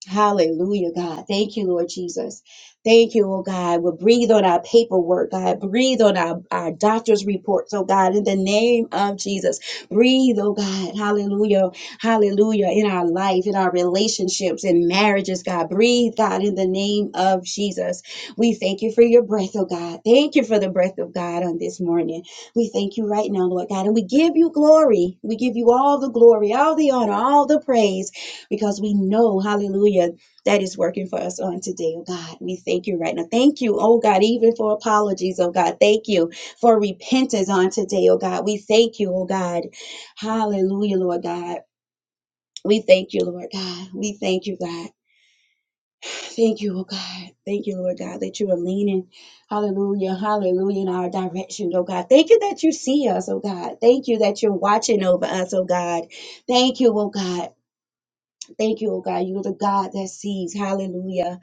Speaker 6: Hallelujah, God. Thank you, Lord Jesus. Thank you, oh God. We'll breathe on our paperwork, God. Breathe on our, our doctor's reports, oh God, in the name of Jesus. Breathe, oh God. Hallelujah. Hallelujah. In our life, in our relationships, in marriages, God. Breathe, God, in the name of Jesus. We thank you for your breath, oh God. Thank you for the breath of God on this morning. We thank you right now, Lord God. And we give you glory. We give you all the glory, all the honor, all the praise because we know, hallelujah, that is working for us on today, oh God. We thank you right now. Thank you, oh God, even for apologies, oh God. Thank you for repentance on today, oh God. We thank you, oh God. Hallelujah, Lord God. We thank you, Lord God. We thank you, God. Thank you, oh God. Thank you, Lord God, that you are leaning. Hallelujah. Hallelujah in our direction, oh God. Thank you that you see us, oh God. Thank you that you're watching over us, oh God. Thank you, oh God. Thank you, oh God. You're the God that sees. Hallelujah.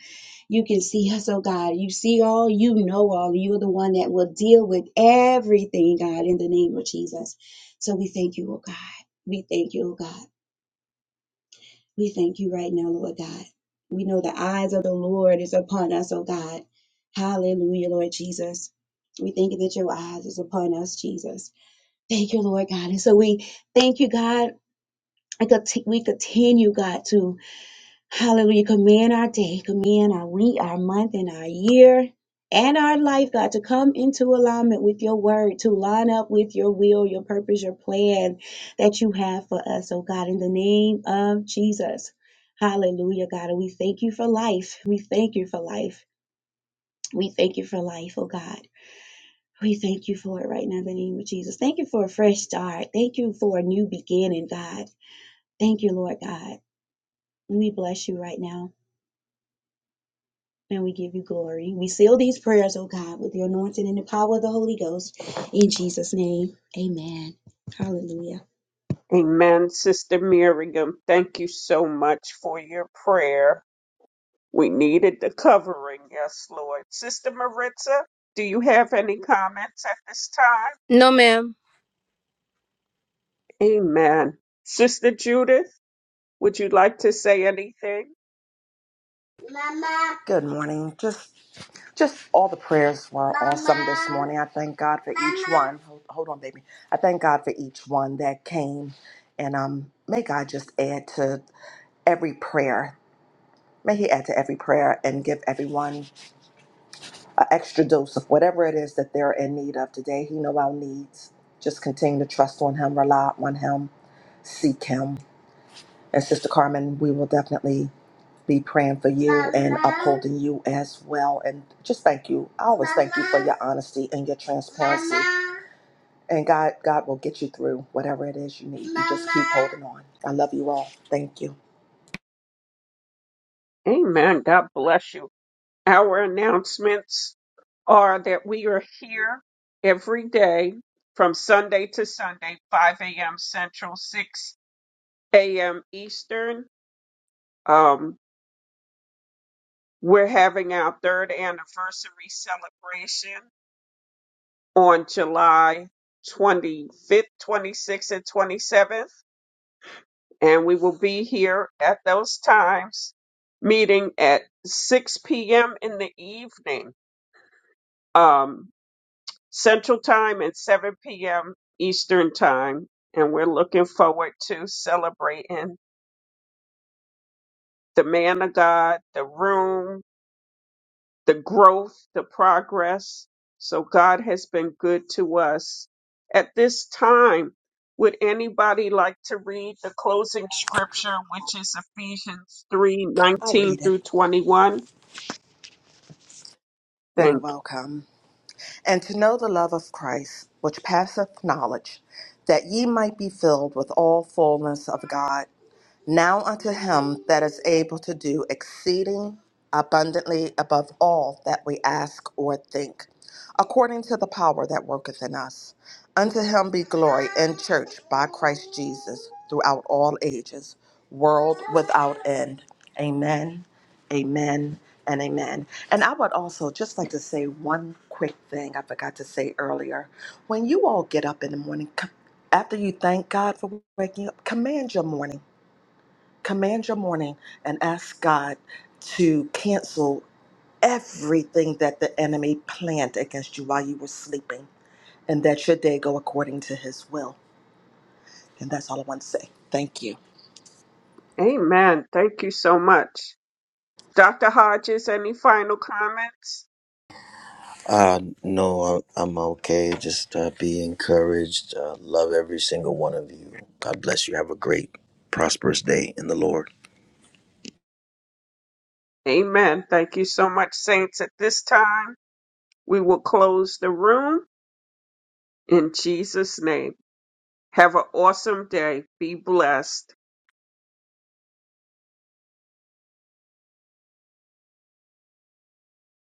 Speaker 6: You can see us, oh God. You see all, you know all. You're the one that will deal with everything, God, in the name of Jesus. So we thank you, oh God. We thank you, oh God. We thank you right now, Lord God. We know the eyes of the Lord is upon us, oh God. Hallelujah, Lord Jesus. We thank you that your eyes is upon us, Jesus. Thank you, Lord God. And so we thank you, God. And conti- we continue, God, to Hallelujah. Command our day, command our week, our month, and our year, and our life, God, to come into alignment with your word, to line up with your will, your purpose, your plan that you have for us. Oh, God, in the name of Jesus. Hallelujah, God. And we thank you for life. We thank you for life. We thank you for life, oh, God. We thank you for it right now in the name of Jesus. Thank you for a fresh start. Thank you for a new beginning, God. Thank you, Lord God. We bless you right now. And we give you glory. We seal these prayers, oh God, with your anointing and the power of the Holy Ghost. In Jesus' name, amen. Hallelujah.
Speaker 2: Amen, Sister Miriam. Thank you so much for your prayer. We needed the covering, yes, Lord. Sister Maritza, do you have any comments at this time?
Speaker 1: No, ma'am.
Speaker 2: Amen. Sister Judith, would you like to say anything?
Speaker 8: Mama. Good morning. Just just all the prayers were awesome this Mama. morning. I thank God for each Mama. one. Hold, hold on, baby. I thank God for each one that came. And um may God just add to every prayer. May he add to every prayer and give everyone an extra dose of whatever it is that they're in need of today. He know our needs. Just continue to trust on him, rely on him, seek him. And Sister Carmen, we will definitely be praying for you and Mama. upholding you as well. And just thank you. I always thank you for your honesty and your transparency. Mama. And God, God will get you through whatever it is you need. You just keep holding on. I love you all. Thank you.
Speaker 2: Amen. God bless you. Our announcements are that we are here every day from Sunday to Sunday, 5 a.m. Central, 6 a.m. Eastern. Um, we're having our third anniversary celebration on July 25th, 26th, and 27th. And we will be here at those times, meeting at 6 p.m. in the evening. Um, Central Time and 7 p.m. Eastern Time. And we're looking forward to celebrating the man of God, the room, the growth, the progress. So God has been good to us. At this time, would anybody like to read the closing scripture, which is Ephesians 3:19
Speaker 8: I'll read it.
Speaker 2: through 21?
Speaker 8: You're
Speaker 2: Thank you.
Speaker 8: welcome. And to know the love of Christ, which passeth knowledge, that ye might be filled with all fullness of God. Now unto him that is able to do exceeding abundantly above all that we ask or think, according to the power that worketh in us. Unto him be glory in church by Christ Jesus throughout all ages, world without end. Amen, amen, and amen. And I would also just like to say one quick thing I forgot to say earlier. When you all get up in the morning, c- after you thank God for waking up, command your morning command your morning and ask God to cancel everything that the enemy planned against you while you were sleeping, and that your day go according to his will. And that's all I want to say. Thank you.
Speaker 2: Amen. Thank you so much. Dr. Hodges, any final comments?
Speaker 5: Uh, no, I- I'm okay. Just uh, be encouraged. Uh, love every single one of you. God bless you. Have a great, prosperous day in the Lord.
Speaker 2: Amen. Thank you so much, saints. At this time, we will close the room in Jesus' name. Have an awesome day. Be blessed.